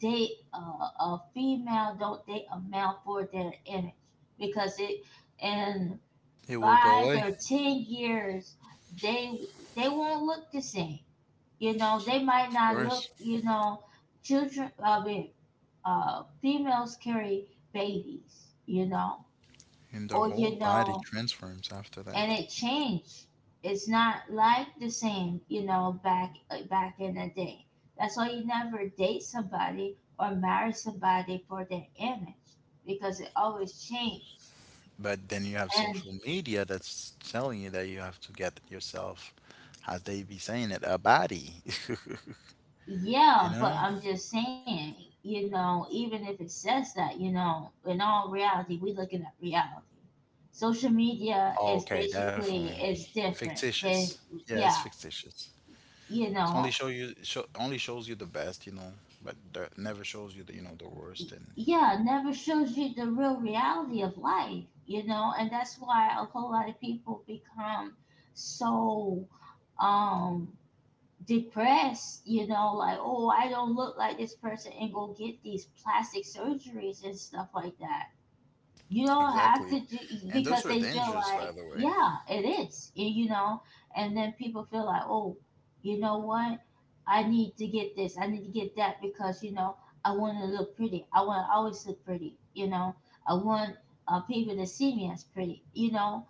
[SPEAKER 2] date a, a female, don't date a male for their image. Because it in
[SPEAKER 1] It will go
[SPEAKER 2] five
[SPEAKER 1] away,
[SPEAKER 2] or ten years they they won't look the same. You know, they might
[SPEAKER 1] of
[SPEAKER 2] not look,
[SPEAKER 1] course,
[SPEAKER 2] you know, children, I mean, uh females carry babies, you know,
[SPEAKER 1] and the
[SPEAKER 2] or
[SPEAKER 1] whole
[SPEAKER 2] you
[SPEAKER 1] body
[SPEAKER 2] know,
[SPEAKER 1] transforms after
[SPEAKER 2] and
[SPEAKER 1] that.
[SPEAKER 2] it changed. It's not like the same, you know, back uh, back in the day. That's why you never date somebody or marry somebody for their image, because it always changed
[SPEAKER 1] But then you have
[SPEAKER 2] and
[SPEAKER 1] social media that's telling you that you have to get yourself, as they be saying it, a body. *laughs* You
[SPEAKER 2] yeah, but
[SPEAKER 1] know?
[SPEAKER 2] I'm just saying, you know, even if it says that, you know, in all reality, we looking at reality. Social media
[SPEAKER 1] Oh,
[SPEAKER 2] is
[SPEAKER 1] okay, definitely.
[SPEAKER 2] basically is different
[SPEAKER 1] Fictitious.
[SPEAKER 2] than,
[SPEAKER 1] Yeah, it's
[SPEAKER 2] yeah,
[SPEAKER 1] fictitious.
[SPEAKER 2] you
[SPEAKER 1] It's only
[SPEAKER 2] know,
[SPEAKER 1] show you show only shows you the best, you know, but the, never shows you the you know the worst
[SPEAKER 2] y-
[SPEAKER 1] and you know.
[SPEAKER 2] yeah, never shows you the real reality of life, you know. And that's why a whole lot of people become so um depressed, you know, like, oh, I don't look like this person and go get these plastic surgeries and stuff like that you don't have
[SPEAKER 1] Exactly.
[SPEAKER 2] to do
[SPEAKER 1] And those
[SPEAKER 2] because
[SPEAKER 1] are
[SPEAKER 2] they feel
[SPEAKER 1] dangerous, by
[SPEAKER 2] like,
[SPEAKER 1] the way.
[SPEAKER 2] yeah, it is, y- you know. And then people feel like, oh, you know what, I need to get this, I need to get that because, you know, I want to look pretty. I want to always look pretty, you know. I want uh, people to see me as pretty, you know.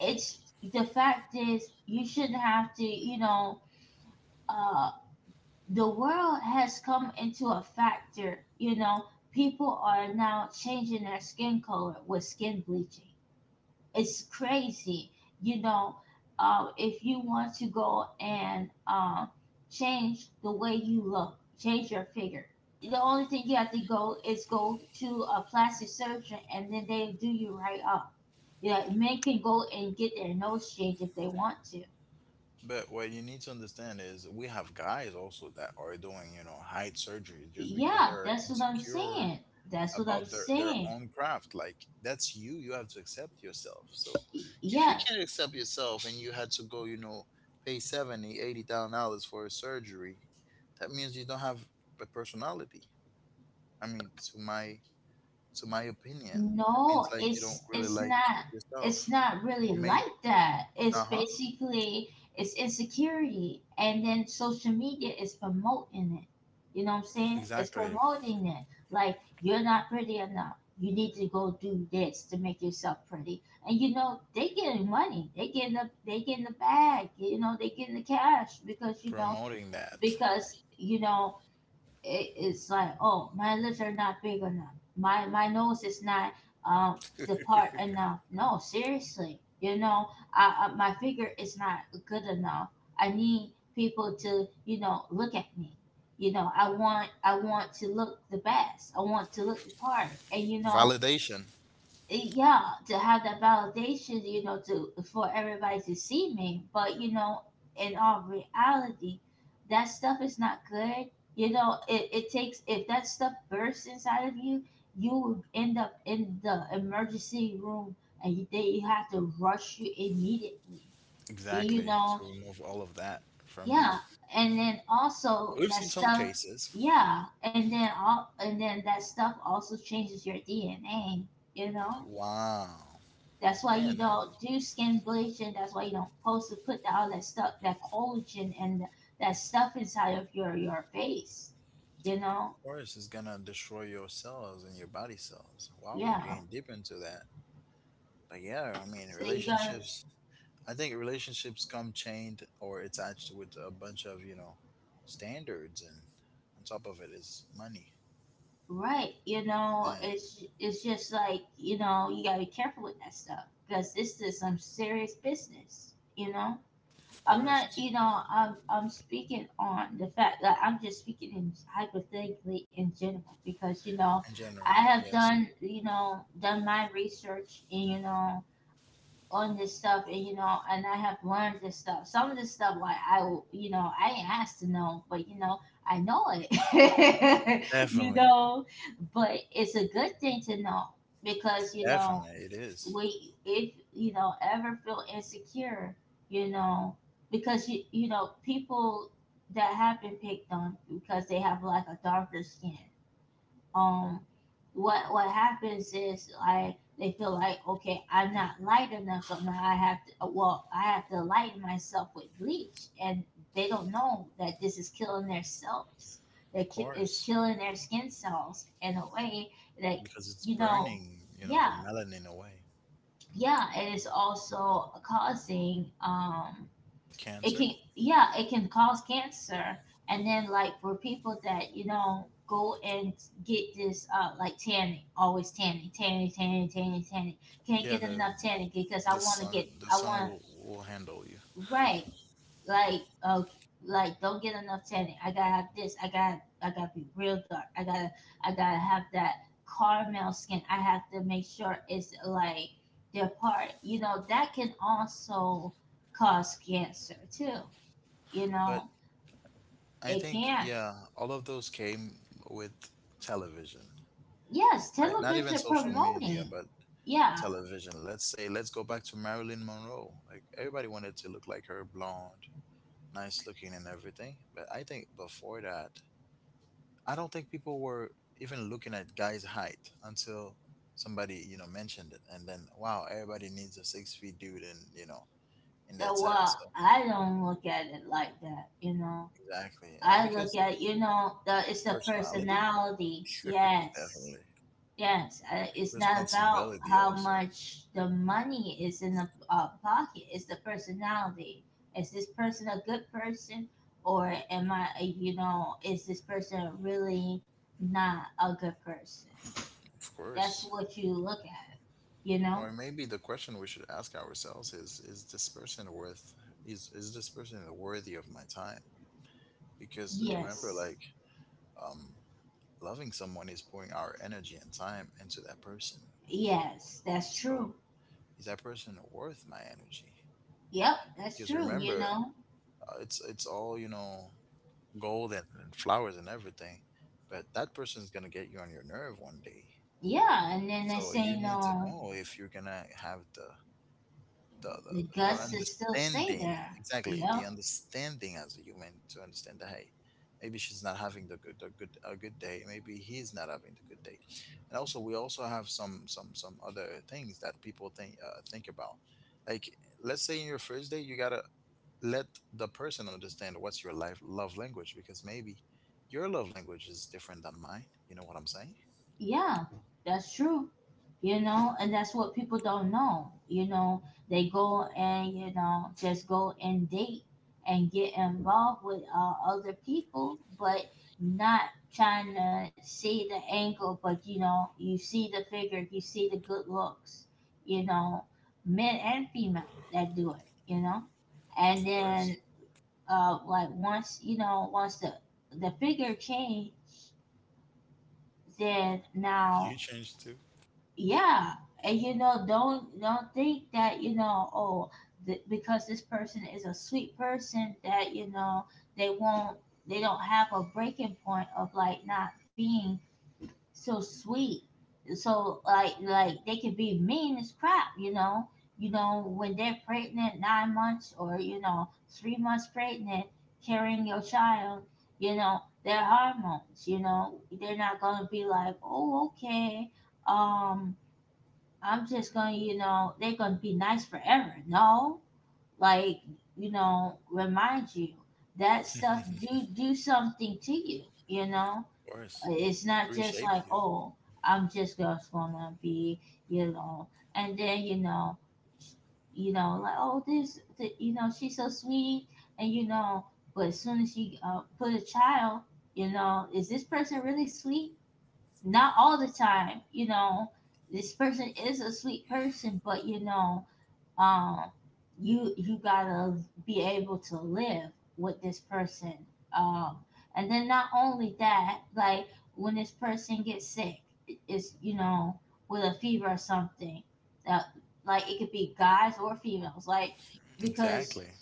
[SPEAKER 2] It's The fact is you shouldn't have to, you know. uh the world has come into a factor, you know. People are now changing their skin color with skin bleaching. It's crazy. You know, uh, if you want to go and uh, change the way you look, change your figure. The only thing you have to go is go to a plastic surgeon, and then they do you right up. Yeah, men can go and get their nose changed if they want to.
[SPEAKER 1] But what you need to understand is we have guys also that are doing, you know, height surgery just because
[SPEAKER 2] Yeah,
[SPEAKER 1] they're
[SPEAKER 2] that's what I'm
[SPEAKER 1] insecure
[SPEAKER 2] saying. That's what
[SPEAKER 1] about
[SPEAKER 2] I'm
[SPEAKER 1] their their
[SPEAKER 2] saying.
[SPEAKER 1] own craft. Like that's you. You have to accept yourself. So if you
[SPEAKER 2] Yeah,
[SPEAKER 1] can't accept yourself and you had to go, you know, pay seventy, eighty thousand dollars for a surgery, that means you don't have a personality. I mean, to my to my opinion, that means
[SPEAKER 2] no,
[SPEAKER 1] like you don't
[SPEAKER 2] it's
[SPEAKER 1] really
[SPEAKER 2] it's
[SPEAKER 1] like
[SPEAKER 2] not it's
[SPEAKER 1] yourself.
[SPEAKER 2] not
[SPEAKER 1] Or
[SPEAKER 2] really
[SPEAKER 1] maybe
[SPEAKER 2] like that. It's
[SPEAKER 1] uh-huh.
[SPEAKER 2] basically it's insecurity, and then social media is promoting it. You know what I'm saying? It's
[SPEAKER 1] Exactly.
[SPEAKER 2] promoting it. Like, you're not pretty enough. You need to go do this to make yourself pretty. And you know, they getting money. They getting the they getting the bag, you know, they getting the cash because you know
[SPEAKER 1] Promoting that.
[SPEAKER 2] because you know it, it's like, oh, my lips are not big enough, my my nose is not um the part enough. No, seriously, you know, I, I, my figure is not good enough. I need people to, you know, look at me. You know, i want i want to look the best. I want to look the part, and you know,
[SPEAKER 1] Validation.
[SPEAKER 2] yeah, to have that validation, you know, to for everybody to see me, but you know, in all reality, that stuff is not good. You know, it, it takes if that stuff bursts inside of you, you will end up in the emergency room, and you, they have to rush you immediately, you
[SPEAKER 1] Exactly.
[SPEAKER 2] know.
[SPEAKER 1] To remove all of that from you.
[SPEAKER 2] Yeah, and then also
[SPEAKER 1] We've
[SPEAKER 2] that
[SPEAKER 1] seen some
[SPEAKER 2] stuff,
[SPEAKER 1] cases.
[SPEAKER 2] yeah, and then all and then that stuff also changes your D N A, you know.
[SPEAKER 1] Wow.
[SPEAKER 2] That's why you
[SPEAKER 1] Damn, no. Of
[SPEAKER 2] don't do skin bleaching. That's why you don't supposed to put all that stuff, that collagen and that stuff inside of your your face. You know,
[SPEAKER 1] course, it's gonna destroy your cells and your body cells. Wow, we're
[SPEAKER 2] yeah.
[SPEAKER 1] getting deep into that. But yeah, I mean,
[SPEAKER 2] So you gotta
[SPEAKER 1] relationships. I think relationships come chained or attached with a bunch of you know standards, and on top of it is money.
[SPEAKER 2] right. You know,
[SPEAKER 1] And
[SPEAKER 2] it's it's just like, you know, you gotta be careful with that stuff because this is some serious business. You know.
[SPEAKER 1] of
[SPEAKER 2] I'm not,
[SPEAKER 1] course,
[SPEAKER 2] you know, I'm, I'm speaking on the fact that I'm just speaking in hypothetically in general because, you know,
[SPEAKER 1] in
[SPEAKER 2] I
[SPEAKER 1] general,
[SPEAKER 2] have
[SPEAKER 1] yes,
[SPEAKER 2] done, you know, done my research and, you know, on this stuff, and, you know, and I have learned this stuff. Some of this stuff, like, I, will- you know, I ain't asked to know, but, you know, I know it, *laughs* you
[SPEAKER 1] definitely,
[SPEAKER 2] know, but it's a good thing to know because, you know,
[SPEAKER 1] definitely, it is.
[SPEAKER 2] we if you know ever feel insecure, you know, because you you know, people that have been picked on because they have like a darker skin. um what what happens is like they feel like, okay, I'm not light enough. So now i have to uh, well i have to lighten myself with bleach, and they don't know that this is killing their cells, that
[SPEAKER 1] Of
[SPEAKER 2] ki- is
[SPEAKER 1] course.
[SPEAKER 2] killing their skin cells in a way that,
[SPEAKER 1] Because it's
[SPEAKER 2] you know.
[SPEAKER 1] burning, you know,
[SPEAKER 2] Yeah.
[SPEAKER 1] the melanin away.
[SPEAKER 2] Yeah, it is also causing, um, it can,
[SPEAKER 1] Cancer.
[SPEAKER 2] yeah, it can cause cancer. And then, like, for people that, you know, go and get this uh like tanning, always tanning, tanning, tanning, tanning, tanning, can't get
[SPEAKER 1] Yeah,
[SPEAKER 2] enough
[SPEAKER 1] the
[SPEAKER 2] tanning because i
[SPEAKER 1] the
[SPEAKER 2] want to get
[SPEAKER 1] sun
[SPEAKER 2] i
[SPEAKER 1] the
[SPEAKER 2] want
[SPEAKER 1] sun will will handle you.
[SPEAKER 2] Right. Like, okay, like, don't get enough tanning. I gotta have this. I got I gotta be real dark. I gotta I gotta have that caramel skin. I have to make sure it's like their part. You know that can also cause cancer too. You
[SPEAKER 1] But
[SPEAKER 2] know
[SPEAKER 1] I
[SPEAKER 2] it
[SPEAKER 1] think,
[SPEAKER 2] can.
[SPEAKER 1] yeah, all of those came with television.
[SPEAKER 2] Yes,
[SPEAKER 1] Like not
[SPEAKER 2] television
[SPEAKER 1] even social
[SPEAKER 2] promoting.
[SPEAKER 1] media, but
[SPEAKER 2] Yeah.
[SPEAKER 1] television. Let's say, let's go back to Marilyn Monroe. Like everybody wanted to look like her, blonde, nice looking and everything. But I think before that, I don't think people were even looking at guys' height until somebody, you know, mentioned it. And then, wow, everybody needs a six feet dude and, you know, in
[SPEAKER 2] uh,
[SPEAKER 1] that set.
[SPEAKER 2] Well,
[SPEAKER 1] So,
[SPEAKER 2] I don't look at it like that. You know,
[SPEAKER 1] exactly. Uh,
[SPEAKER 2] I look
[SPEAKER 1] Because
[SPEAKER 2] at, you know, the, it's the
[SPEAKER 1] personality,
[SPEAKER 2] personality.
[SPEAKER 1] *laughs*
[SPEAKER 2] Yes.
[SPEAKER 1] definitely.
[SPEAKER 2] Yes, uh, it's not about
[SPEAKER 1] Responsibility
[SPEAKER 2] how
[SPEAKER 1] also.
[SPEAKER 2] much the money is in the uh, pocket. It's the personality. Is this person a good person, or am I? uh, You know, is this person really not a good person?
[SPEAKER 1] Of
[SPEAKER 2] That's
[SPEAKER 1] course.
[SPEAKER 2] what you look at. You know.
[SPEAKER 1] Or maybe the question we should ask ourselves is is this person worth is is this person worthy of my time? Because remember,
[SPEAKER 2] Yes.
[SPEAKER 1] like, um loving someone is pouring our energy and time into that person.
[SPEAKER 2] Yes, that's true.
[SPEAKER 1] So is that person worth my energy?
[SPEAKER 2] Yep, that's
[SPEAKER 1] Because
[SPEAKER 2] true. You
[SPEAKER 1] remember,
[SPEAKER 2] know.
[SPEAKER 1] uh, it's it's all, you know, gold and, and flowers and everything, but that person's gonna get you on your nerve one day.
[SPEAKER 2] Yeah, and then they
[SPEAKER 1] So
[SPEAKER 2] say
[SPEAKER 1] you need to
[SPEAKER 2] no.
[SPEAKER 1] know if you're gonna have the the,
[SPEAKER 2] The
[SPEAKER 1] the the
[SPEAKER 2] guts is still stay
[SPEAKER 1] understanding,
[SPEAKER 2] there.
[SPEAKER 1] exactly, the
[SPEAKER 2] Yep.
[SPEAKER 1] understanding as a human to understand that, hey, maybe she's not having the good the good a good day, maybe he's not having the good day. And also we also have some some some other things that people think uh, think about, like, let's say in your first day you gotta let the person understand what's your life love language, because maybe your love language is different than mine. You know what I'm saying?
[SPEAKER 2] Yeah, that's true. You know, and that's what people don't know. You know, they go and, you know, just go and date and get involved with uh, other people, but not trying to see the angle. But, you know, you see the figure, you see the good looks, you know, men and female that do it, you know? And
[SPEAKER 1] Of
[SPEAKER 2] then,
[SPEAKER 1] course.
[SPEAKER 2] uh, like, once, you know, once the, the figure change, then now,
[SPEAKER 1] You change too.
[SPEAKER 2] yeah, and you know, don't don't think that, you know, oh, th- because this person is a sweet person, that you know they won't they don't have a breaking point of like not being so sweet. So like, like they can be mean as crap, you know. You know, when they're pregnant nine months, or you know, three months pregnant, carrying your child, you know their hormones, you know they're not gonna be like, oh, okay, um I'm just gonna, you know, they're gonna be nice forever. No, like, you know, remind you that stuff do do something to you. You know,
[SPEAKER 1] Of course.
[SPEAKER 2] it's not just
[SPEAKER 1] Reshape
[SPEAKER 2] like,
[SPEAKER 1] you.
[SPEAKER 2] oh, I'm just just gonna be, you know, and then you know, sh- you know, like, oh, this, th- you know, she's so sweet, and you know, but as soon as you uh, put a child, you know, is this person really sweet? Not all the time, you know. This person is a sweet person, but you know, um, you you gotta be able to live with this person. Um, and then not only that, like, when this person gets sick, i- it's you know, with a fever or something, that like, it could be guys or females, like, because
[SPEAKER 1] Exactly.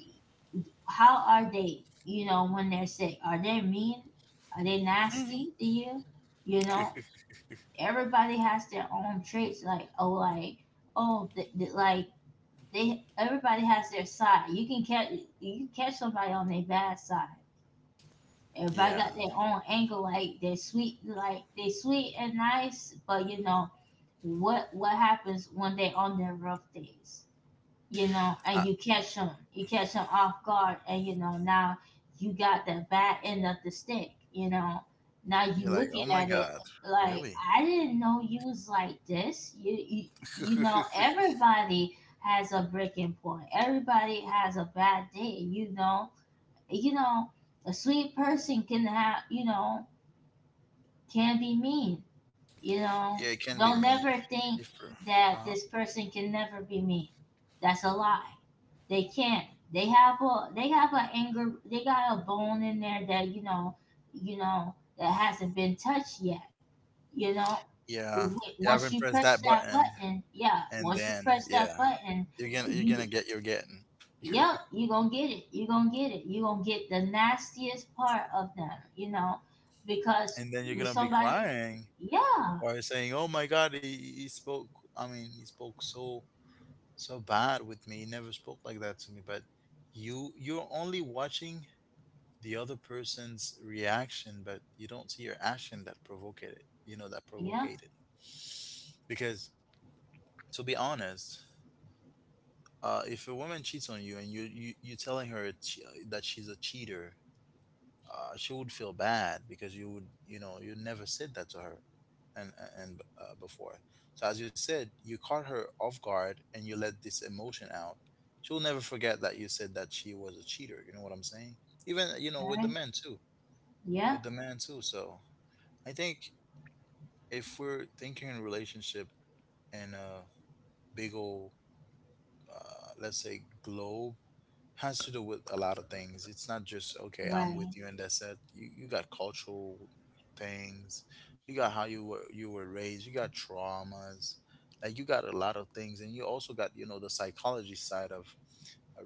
[SPEAKER 2] how are they, you know, when they're sick? Are they mean? Are they nasty to you? You know,
[SPEAKER 1] *laughs*
[SPEAKER 2] everybody has their own traits, like, oh, like, oh, th- th- like, they everybody has their side. You can catch you can catch somebody on their bad side. Everybody
[SPEAKER 1] Yeah.
[SPEAKER 2] got their own angle, like, they're sweet, like they sweet and nice, but you know, what what happens when they on their rough days, you know,
[SPEAKER 1] Uh,
[SPEAKER 2] and you catch them, you catch them off guard, and you know, now you got the bad end of the stick. You know, now
[SPEAKER 1] you're
[SPEAKER 2] you
[SPEAKER 1] like, oh
[SPEAKER 2] looking
[SPEAKER 1] my
[SPEAKER 2] at it
[SPEAKER 1] God,
[SPEAKER 2] like,
[SPEAKER 1] really?
[SPEAKER 2] I didn't know you was like this. You you, you know,
[SPEAKER 1] *laughs*
[SPEAKER 2] everybody has a breaking point. Everybody has a bad day. You know, you know a sweet person can have, you know, can be mean. You
[SPEAKER 1] Yeah,
[SPEAKER 2] know,
[SPEAKER 1] it can be
[SPEAKER 2] don't
[SPEAKER 1] mean.
[SPEAKER 2] never think
[SPEAKER 1] If,
[SPEAKER 2] that
[SPEAKER 1] uh-huh.
[SPEAKER 2] this person can never be mean. That's a lie. They can't. They have a they have an anger. They got a bone in there that you know, you know that hasn't been touched yet. You know, W-
[SPEAKER 1] Yeah, you
[SPEAKER 2] once you
[SPEAKER 1] haven't pressed
[SPEAKER 2] press
[SPEAKER 1] that
[SPEAKER 2] that
[SPEAKER 1] button,
[SPEAKER 2] button, yeah.
[SPEAKER 1] and
[SPEAKER 2] Once you
[SPEAKER 1] then
[SPEAKER 2] press that
[SPEAKER 1] yeah,
[SPEAKER 2] button,
[SPEAKER 1] you're gonna you're
[SPEAKER 2] you
[SPEAKER 1] gonna get your getting, *laughs*
[SPEAKER 2] yep, you gonna get it. You gonna get it. You gonna get the nastiest part of them, you know, because
[SPEAKER 1] and then you're
[SPEAKER 2] with
[SPEAKER 1] gonna be
[SPEAKER 2] somebody,
[SPEAKER 1] crying
[SPEAKER 2] yeah,
[SPEAKER 1] or saying, "Oh my God, he, he spoke. I mean, he spoke so so bad with me. He never spoke like that to me." But you you're only watching the other person's reaction, but you don't see your action that provoked it. You know that
[SPEAKER 2] yeah,
[SPEAKER 1] provoked it. Because to be honest, uh, if a woman cheats on you and you you you telling her she, that she's a cheater, uh, she would feel bad because you would you know you never said that to her, and and uh, before. So as you said, you caught her off guard and you let this emotion out. She will never forget that you said that she was a cheater. You know what I'm saying? Even you know with
[SPEAKER 2] right,
[SPEAKER 1] the men too.
[SPEAKER 2] yeah,
[SPEAKER 1] With the man too. So I think if we're thinking in relationship in a big old, uh, let's say, globe, has to do with a lot of things. It's not just okay, I'm
[SPEAKER 2] right,
[SPEAKER 1] with you and that's it. You you got cultural things, you got how you were you were raised, you got traumas, like you got a lot of things, and you also got, you know, the psychology side of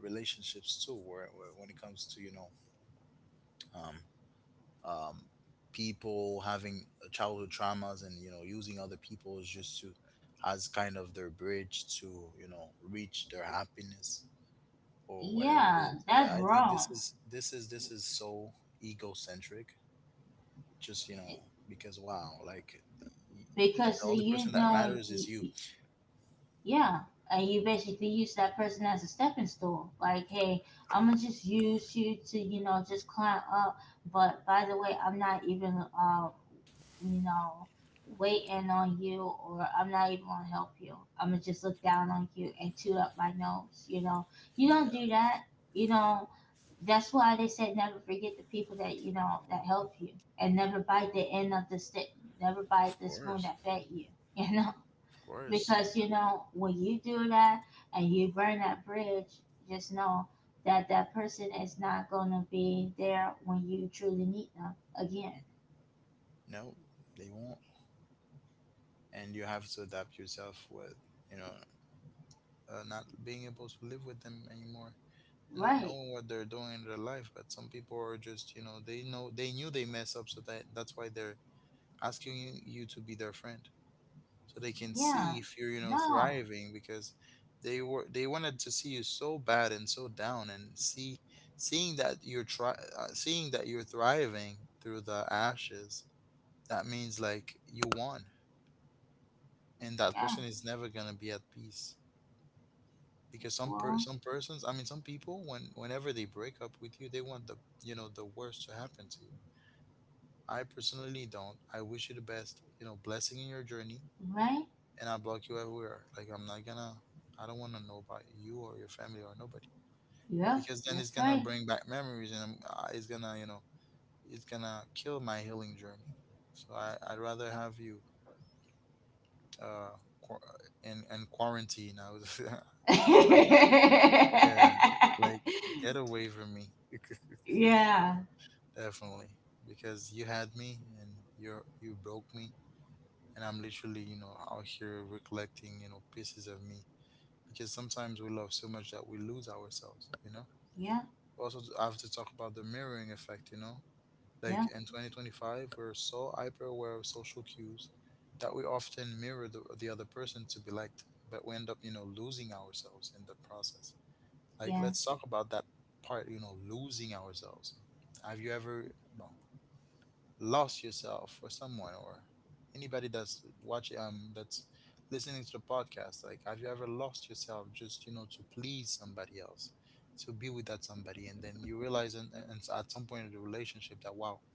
[SPEAKER 1] uh, relationships too, where, where when it comes to, you know, um, um, people having childhood traumas and, you know, using other people is just to, as kind of their bridge to, you know, reach their happiness or whatever it
[SPEAKER 2] yeah,
[SPEAKER 1] is. But
[SPEAKER 2] that's
[SPEAKER 1] I think
[SPEAKER 2] wrong.
[SPEAKER 1] this is this is this is so egocentric. Just, you know, because, wow, like, y-
[SPEAKER 2] Because
[SPEAKER 1] the the only
[SPEAKER 2] you
[SPEAKER 1] person that
[SPEAKER 2] know,
[SPEAKER 1] matters is you.
[SPEAKER 2] yeah, and you basically use that person as a stepping stool. Like, hey, I'm gonna just use you to, you know, just climb up. But by the way, I'm not even, uh, you know, waiting on you, or I'm not even gonna help you. I'm gonna just look down on you and toot up my nose. You know, you don't do
[SPEAKER 1] Yeah.
[SPEAKER 2] that. You know, that's why they said never forget the people that you know that help you, and never bite the end of the stick. Never bite
[SPEAKER 1] Of
[SPEAKER 2] the spoon that
[SPEAKER 1] course,
[SPEAKER 2] fed you. *laughs* You know,
[SPEAKER 1] of course.
[SPEAKER 2] because you
[SPEAKER 1] Uh,
[SPEAKER 2] know when you do that and you burn that bridge, just know that that person is not going to be there when you truly need them again.
[SPEAKER 1] No, they won't. And you have to adapt yourself with, you know, uh, not being able to live with them anymore, and not
[SPEAKER 2] Right.
[SPEAKER 1] knowing what they're doing in their life. But some people are just, you know, they know they knew they mess up, so that that's why they're asking you, you to be their friend, so they can
[SPEAKER 2] Yeah.
[SPEAKER 1] see if you're, you know,
[SPEAKER 2] No.
[SPEAKER 1] thriving, because they were they wanted to see you so bad and so down, and see seeing that you're try uh, seeing that you're thriving through the ashes. That means like you won, and that
[SPEAKER 2] Yeah.
[SPEAKER 1] person is never gonna be at peace. Because some per-
[SPEAKER 2] Well.
[SPEAKER 1] some persons I mean some people, when whenever they break up with you, they want the you know the worst to happen to you. I personally don't. I wish you the best, you know, blessing in your journey,
[SPEAKER 2] Right.
[SPEAKER 1] and I block you everywhere. Like, I'm not gonna I don't want to know about you or your family or nobody,
[SPEAKER 2] Yep,
[SPEAKER 1] because then
[SPEAKER 2] that's
[SPEAKER 1] it's gonna
[SPEAKER 2] right.
[SPEAKER 1] bring back memories and I'm- uh, it's gonna you know it's gonna kill my healing journey. So I, I'd rather have you, uh quar- in, in quarantine, I was. *laughs* That's how. Yeah, like, get
[SPEAKER 2] *laughs*
[SPEAKER 1] away from me. *laughs*
[SPEAKER 2] Yeah,
[SPEAKER 1] Definitely. Because you had me and you're you broke me, and I'm literally, you know, out here recollecting, you know, pieces of me. Because sometimes we love so much that we lose ourselves, you know?
[SPEAKER 2] yeah,
[SPEAKER 1] Also I have to talk about the mirroring effect, you know?
[SPEAKER 2] yeah,
[SPEAKER 1] Like in twenty twenty five we're so hyper aware of social cues that we often mirror the, the other person to be liked, but we end up, you know, losing ourselves in the process. Like,
[SPEAKER 2] yeah,
[SPEAKER 1] let's talk about that part, you know, losing ourselves. Have you ever no, lost yourself or someone or anybody that's watching, um, that's listening to the podcast? Like, have you ever lost yourself just, you know, to please somebody else, to be with that somebody? And then you realize and, and at some point in the relationship that, wow,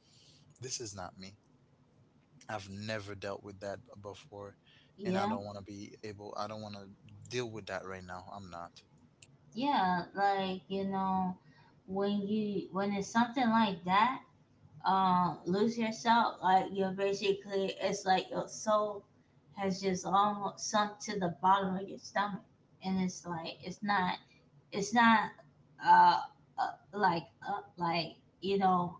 [SPEAKER 1] this is not me. I've never dealt with that before. And
[SPEAKER 2] yeah,
[SPEAKER 1] I don't want to be able, I don't want to deal with that right now. I'm not.
[SPEAKER 2] yeah. Like, you know, when you when it's something like that, um lose yourself, like, you're basically, it's like your soul has just almost sunk to the bottom of your stomach, and it's like, it's not it's not uh, uh like uh, like you know,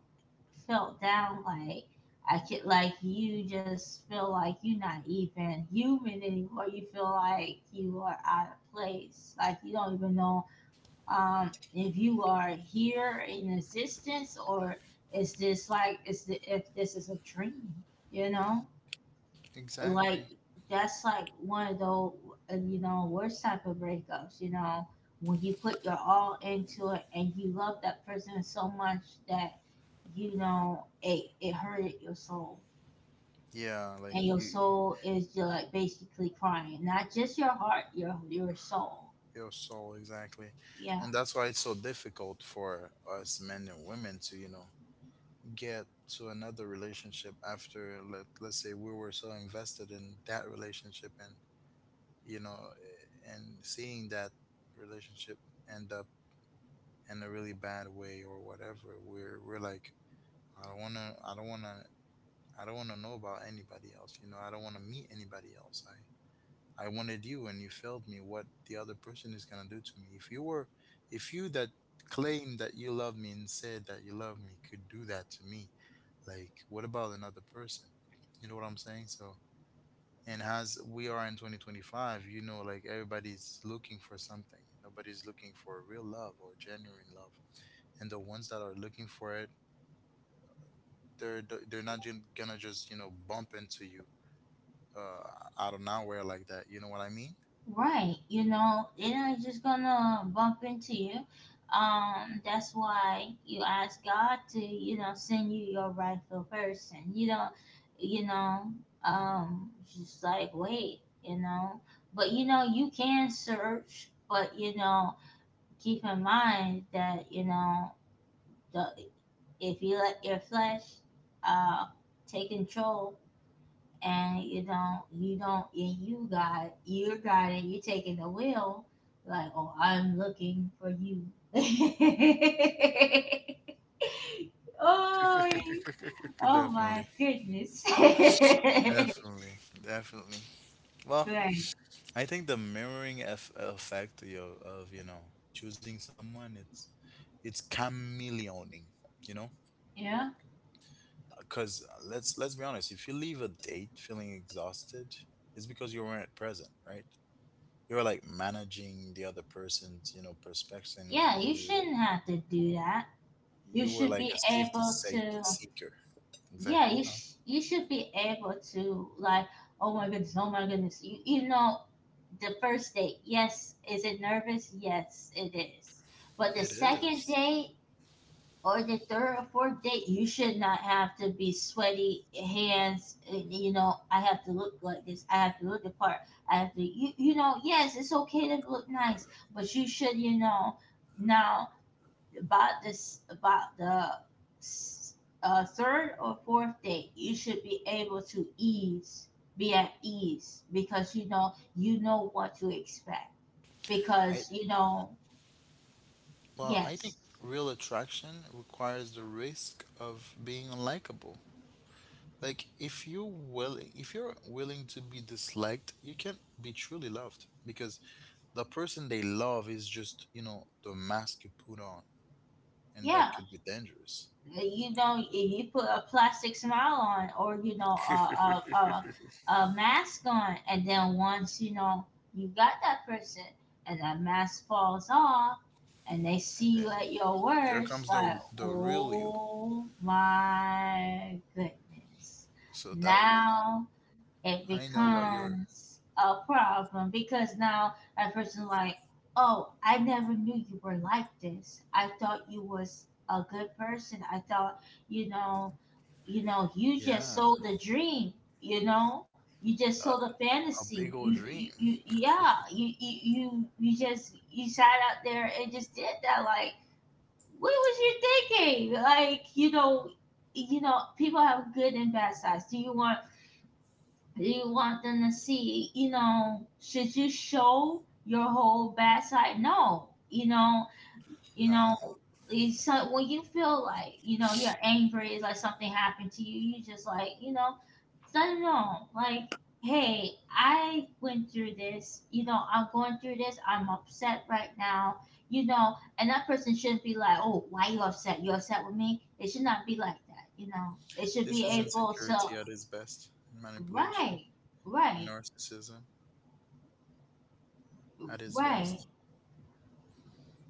[SPEAKER 2] felt down, like I could like you just feel like you're not even human anymore. You feel like you are out of place, like, you don't even know, um, if you are here in existence or is this like, is the, if this is a dream, you know. Like,
[SPEAKER 1] Exactly.
[SPEAKER 2] that's like one of those uh, you know, worst type of breakups, you know. When you put your all into it and you love that person so much that, you know, it, it hurted your soul,
[SPEAKER 1] Yeah,
[SPEAKER 2] and your
[SPEAKER 1] like you.
[SPEAKER 2] soul is just like basically crying, not just your heart, your your soul.
[SPEAKER 1] Your soul exactly.
[SPEAKER 2] Yeah.
[SPEAKER 1] And that's why it's so difficult for us men and women to, you know, get to another relationship after let, let's say we were so invested in that relationship, and, you know, and seeing that relationship end up in a really bad way or whatever. We're we're like, i don't want to i don't want to I don't want to know about anybody else. you know I don't want to meet anybody else. I. I wanted you and you failed me. What the other person is gonna do to me? If you were, if you that claim that you love me and said that you love me could do that to me, like, what about another person? You know what I'm saying? So, and as we are in twenty twenty five, you know, like, everybody's looking for something. Nobody's looking for real love or genuine love. And the ones that are looking for it, they're they're not ju- gonna just you know bump into you uh out of nowhere like that. You know what I mean?
[SPEAKER 2] Right. You know, they're not just gonna bump into you. Um, that's why you ask God to, you know, send you your rightful person. You know, you know, um, just like wait, you know. But you know, you can search, but you know, keep in mind that you know, the if you let your flesh, uh, take control, and you don't you don't and you got you're got it you're taking the wheel, like, "Oh, I'm looking for you." *laughs* Oh,
[SPEAKER 1] *laughs*
[SPEAKER 2] oh my
[SPEAKER 1] Definitely.
[SPEAKER 2] goodness. *laughs*
[SPEAKER 1] Definitely, definitely. Well,
[SPEAKER 2] Right.
[SPEAKER 1] I think the mirroring eff- effect of, your- of you know choosing someone, it's it's chameleoning, you know,
[SPEAKER 2] Yeah,
[SPEAKER 1] because let's let's be honest. If you leave a date feeling exhausted, it's because you weren't present, right? You were like managing the other person's, you know perspection of
[SPEAKER 2] yeah, you
[SPEAKER 1] you.
[SPEAKER 2] shouldn't have to do that. You
[SPEAKER 1] You were
[SPEAKER 2] should
[SPEAKER 1] like
[SPEAKER 2] be
[SPEAKER 1] a safety
[SPEAKER 2] able
[SPEAKER 1] sake
[SPEAKER 2] to...
[SPEAKER 1] seeker.
[SPEAKER 2] Yeah,
[SPEAKER 1] Exactly.
[SPEAKER 2] you,
[SPEAKER 1] Huh?
[SPEAKER 2] sh- you should be able to, like, oh my goodness, oh my goodness. You, you know the first date, yes. Is it nervous? Yes, it is. But the
[SPEAKER 1] It
[SPEAKER 2] second
[SPEAKER 1] is.
[SPEAKER 2] date or the third or fourth date, you should not have to be sweaty hands. uh, You know, I have to look like this. I have to look the part. I have to, you, you know, Yes, it's okay to look nice, but you should, you know, now, about this, about the s- uh, third or fourth date, you should be able to ease, be at ease because, you know, you know what to expect
[SPEAKER 1] I,
[SPEAKER 2] because you know
[SPEAKER 1] Well, I think
[SPEAKER 2] Yes.
[SPEAKER 1] real attraction requires the risk of being unlikable. Like if you're willing, if you're willing to be disliked, you can't be truly loved, because the person they love is just, you know, the mask you put on, and
[SPEAKER 2] Yeah.
[SPEAKER 1] that could be dangerous.
[SPEAKER 2] Uh, you know if you put a plastic smile on, or you know a
[SPEAKER 1] *laughs*
[SPEAKER 2] a, a, a mask on, and then once you know you got that person, and that mask falls off, and they see you
[SPEAKER 1] And
[SPEAKER 2] at your
[SPEAKER 1] there comes
[SPEAKER 2] worst,
[SPEAKER 1] the
[SPEAKER 2] like,
[SPEAKER 1] the real you.
[SPEAKER 2] oh my goodness.
[SPEAKER 1] So that was,
[SPEAKER 2] Now it
[SPEAKER 1] I know what you're,
[SPEAKER 2] becomes a problem because now that person's like, "Oh, I never knew you were like this. I thought you was a good person. I thought, you know, you know, you just
[SPEAKER 1] yeah,
[SPEAKER 2] sold a dream. You know, you just
[SPEAKER 1] a,
[SPEAKER 2] sold a
[SPEAKER 1] a
[SPEAKER 2] fantasy."
[SPEAKER 1] big old
[SPEAKER 2] You,
[SPEAKER 1] dream.
[SPEAKER 2] you, you yeah. You, you, you, you just you sat out there and just did that. Like, what was you thinking? Like, you know, you know, people have good and bad sides. Do you want? Do you want them to see? You know, should you show your whole bad side? No. You know, you
[SPEAKER 1] No,
[SPEAKER 2] know it's so, when you feel like you know you're angry, it's like something happened to you you just, like, you know let it know, like, "Hey, I went through this. you know I'm going through this. I'm upset right now you know And that person shouldn't be like, 'Oh, why you upset? You upset with me?' It should not be like that." You know they should
[SPEAKER 1] this
[SPEAKER 2] be
[SPEAKER 1] is
[SPEAKER 2] able to...
[SPEAKER 1] insecurity at its best, manipulation,
[SPEAKER 2] Right,
[SPEAKER 1] and
[SPEAKER 2] right,
[SPEAKER 1] narcissism at its
[SPEAKER 2] right,
[SPEAKER 1] best.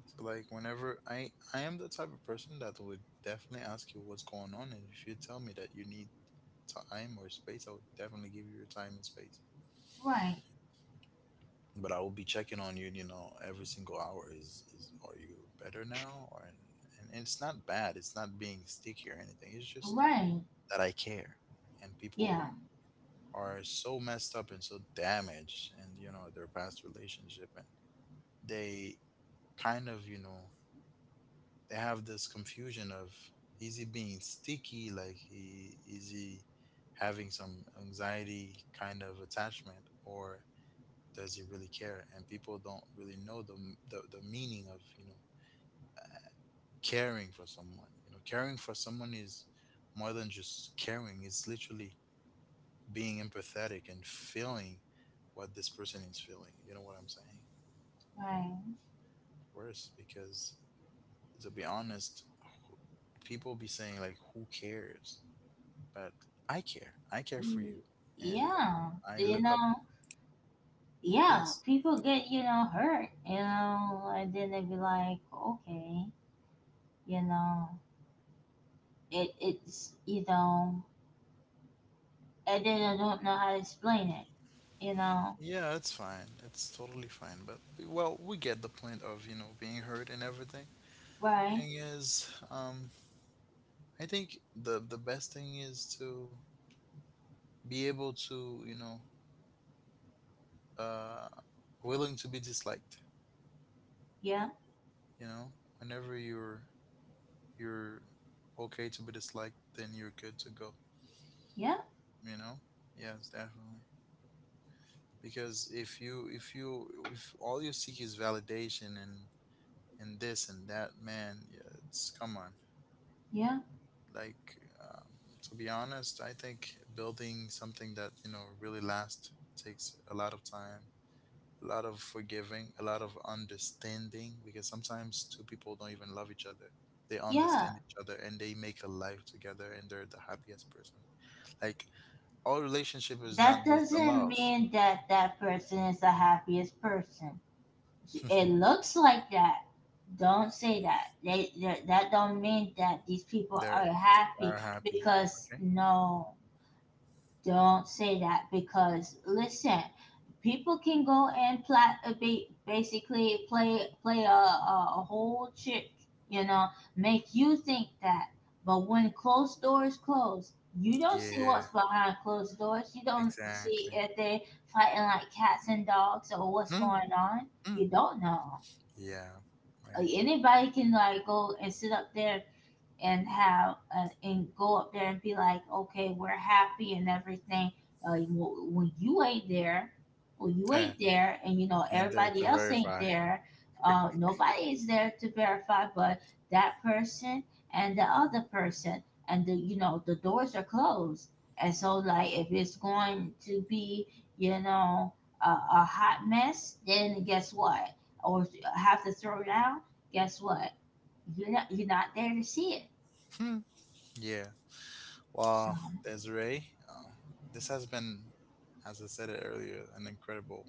[SPEAKER 1] So like whenever I I am the type of person that would definitely ask you what's going on, and if you tell me that you need time or space, I would definitely give you your time and space.
[SPEAKER 2] right,
[SPEAKER 1] But I will be checking on you, you know, every single hour. Is is are you better now? Or and, and it's not bad. It's not being sticky or anything. It's just
[SPEAKER 2] right.
[SPEAKER 1] that I care, and people
[SPEAKER 2] Yeah.
[SPEAKER 1] are so messed up and so damaged, and you know their past relationship, and they kind of you know they have this confusion of is he being sticky, like he is he having some anxiety kind of attachment, or does he really care? And people don't really know the, the the meaning of you know caring for someone. You know caring for someone is more than just caring. It's literally being empathetic and feeling what this person is feeling, you know what I'm saying?
[SPEAKER 2] Right.
[SPEAKER 1] Worse, because to be honest, people be saying like who cares, but I care. I care for
[SPEAKER 2] Y-
[SPEAKER 1] you, and
[SPEAKER 2] yeah
[SPEAKER 1] I
[SPEAKER 2] you
[SPEAKER 1] look up.
[SPEAKER 2] know yeah,
[SPEAKER 1] Yes,
[SPEAKER 2] people get, you know, hurt, you know, and then they be like, okay, you know, it, it's, you know, and then I don't know how to explain it, you know,
[SPEAKER 1] yeah, it's fine. It's totally fine. But well, we get the point of you know being hurt and everything.
[SPEAKER 2] right?
[SPEAKER 1] Thing is, um, I think the the best thing is to be able to you know uh willing to be disliked.
[SPEAKER 2] Yeah,
[SPEAKER 1] You know, whenever you're you're okay to be disliked, then you're good to go.
[SPEAKER 2] yeah,
[SPEAKER 1] You know, yes, definitely. Because if you if you if all you seek is validation and and this and that. Man, yeah, it's, come on.
[SPEAKER 2] yeah,
[SPEAKER 1] Like, um, to be honest, I think building something that you know really lasts takes a lot of time, a lot of forgiving, a lot of understanding. Because sometimes two people don't even love each other. They understand
[SPEAKER 2] yeah.
[SPEAKER 1] each other and they make a life together, and they're the happiest person. Like, all relationship is not
[SPEAKER 2] That
[SPEAKER 1] based on
[SPEAKER 2] doesn't
[SPEAKER 1] love.
[SPEAKER 2] mean that that person is the happiest person. It
[SPEAKER 1] *laughs*
[SPEAKER 2] looks like that. Don't say that. They, that that don't mean that these people
[SPEAKER 1] they're
[SPEAKER 2] are
[SPEAKER 1] they are
[SPEAKER 2] happy,
[SPEAKER 1] happy.
[SPEAKER 2] because
[SPEAKER 1] Okay.
[SPEAKER 2] no. Don't say that because, listen, people can go and pla- uh, ba- basically play play a, a, a whole trick, you know, make you think that. But when closed doors close, you don't see
[SPEAKER 1] Yeah.
[SPEAKER 2] what's behind closed doors. You don't
[SPEAKER 1] Exactly.
[SPEAKER 2] see if they fighting like cats and dogs or what's
[SPEAKER 1] Hmm.
[SPEAKER 2] going on.
[SPEAKER 1] Hmm.
[SPEAKER 2] You don't know.
[SPEAKER 1] Yeah.
[SPEAKER 2] Uh,
[SPEAKER 1] Right.
[SPEAKER 2] Anybody can, like, go and sit up there and have uh, and go up there and be like, "Okay, we're happy and everything." Uh, when you ain't there, when you
[SPEAKER 1] Uh,
[SPEAKER 2] ain't there, and you know
[SPEAKER 1] and there to
[SPEAKER 2] everybody else ain't
[SPEAKER 1] verify.
[SPEAKER 2] there, uh, nobody is there to verify. But that person and the other person, and the you know the doors are closed, and so, like, if it's going to be you know a, a hot mess, then guess what? Or have to throw down, guess what? You're not, you're not there to see it.
[SPEAKER 1] Hmm. Yeah.
[SPEAKER 2] So,
[SPEAKER 1] Well, Desiree, uh, this has been, as I said it earlier, an incredible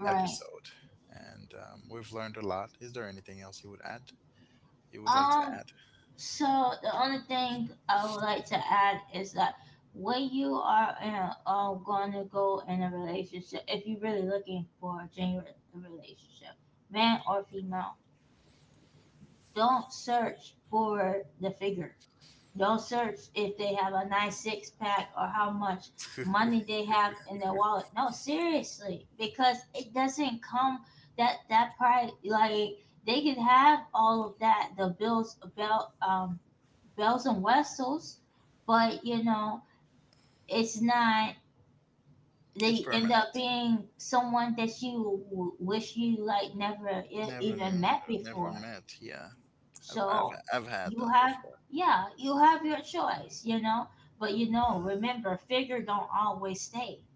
[SPEAKER 2] right.
[SPEAKER 1] episode, and um, we've learned a lot. Is there anything else you would add? You would like to add?
[SPEAKER 2] Um. So the only thing I would like to add is that when you are in a, um, going to go in a relationship, if you're really looking for a genuine relationship, man or female, don't search for the figure. Don't search if they have a nice six pack or how much money they have in their wallet. No, seriously, because it doesn't come that that price. Like, they can have all of that, the bills, bell, um, bells and whistles, but you know it's not.
[SPEAKER 1] It's
[SPEAKER 2] They end
[SPEAKER 1] permanent.
[SPEAKER 2] up being someone that you w- wish you, like, never e-
[SPEAKER 1] Never knew,
[SPEAKER 2] even met
[SPEAKER 1] never
[SPEAKER 2] before.
[SPEAKER 1] met. Yeah, I've I've,
[SPEAKER 2] So
[SPEAKER 1] I've had that
[SPEAKER 2] you have, yeah, you have your choice, you know. But you know, remember, figure don't always stay.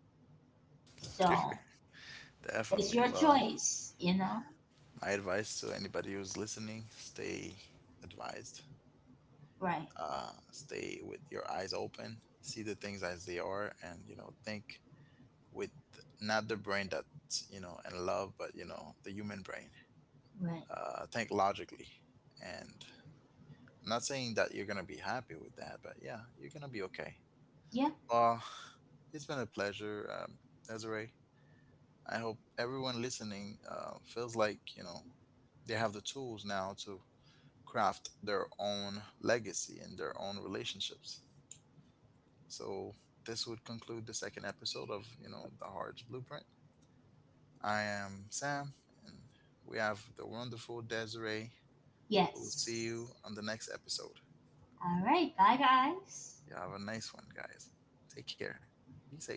[SPEAKER 1] before.
[SPEAKER 2] So
[SPEAKER 1] *laughs* Definitely.
[SPEAKER 2] it's your
[SPEAKER 1] Well,
[SPEAKER 2] choice, you know.
[SPEAKER 1] my advice to anybody who's listening: stay advised,
[SPEAKER 2] Right,
[SPEAKER 1] uh, stay with your eyes open, see the things as they are, and you know, think with not the brain that's you know in love, but you know, the human brain.
[SPEAKER 2] right.
[SPEAKER 1] Uh, think logically, and I'm not saying that you're gonna be happy with that, but yeah, you're gonna be okay.
[SPEAKER 2] Yeah,
[SPEAKER 1] Well, it's been a pleasure, um, Desiree. I hope everyone listening uh, feels like you know they have the tools now to craft their own legacy and their own relationships. So this would conclude the second episode of you know the Heart's Blueprint. I am Sam, and we have the wonderful Desiree. We'll see
[SPEAKER 2] yes.
[SPEAKER 1] you on the next episode.
[SPEAKER 2] All right. Bye, guys.
[SPEAKER 1] You have a nice one, guys. Take care. Be safe.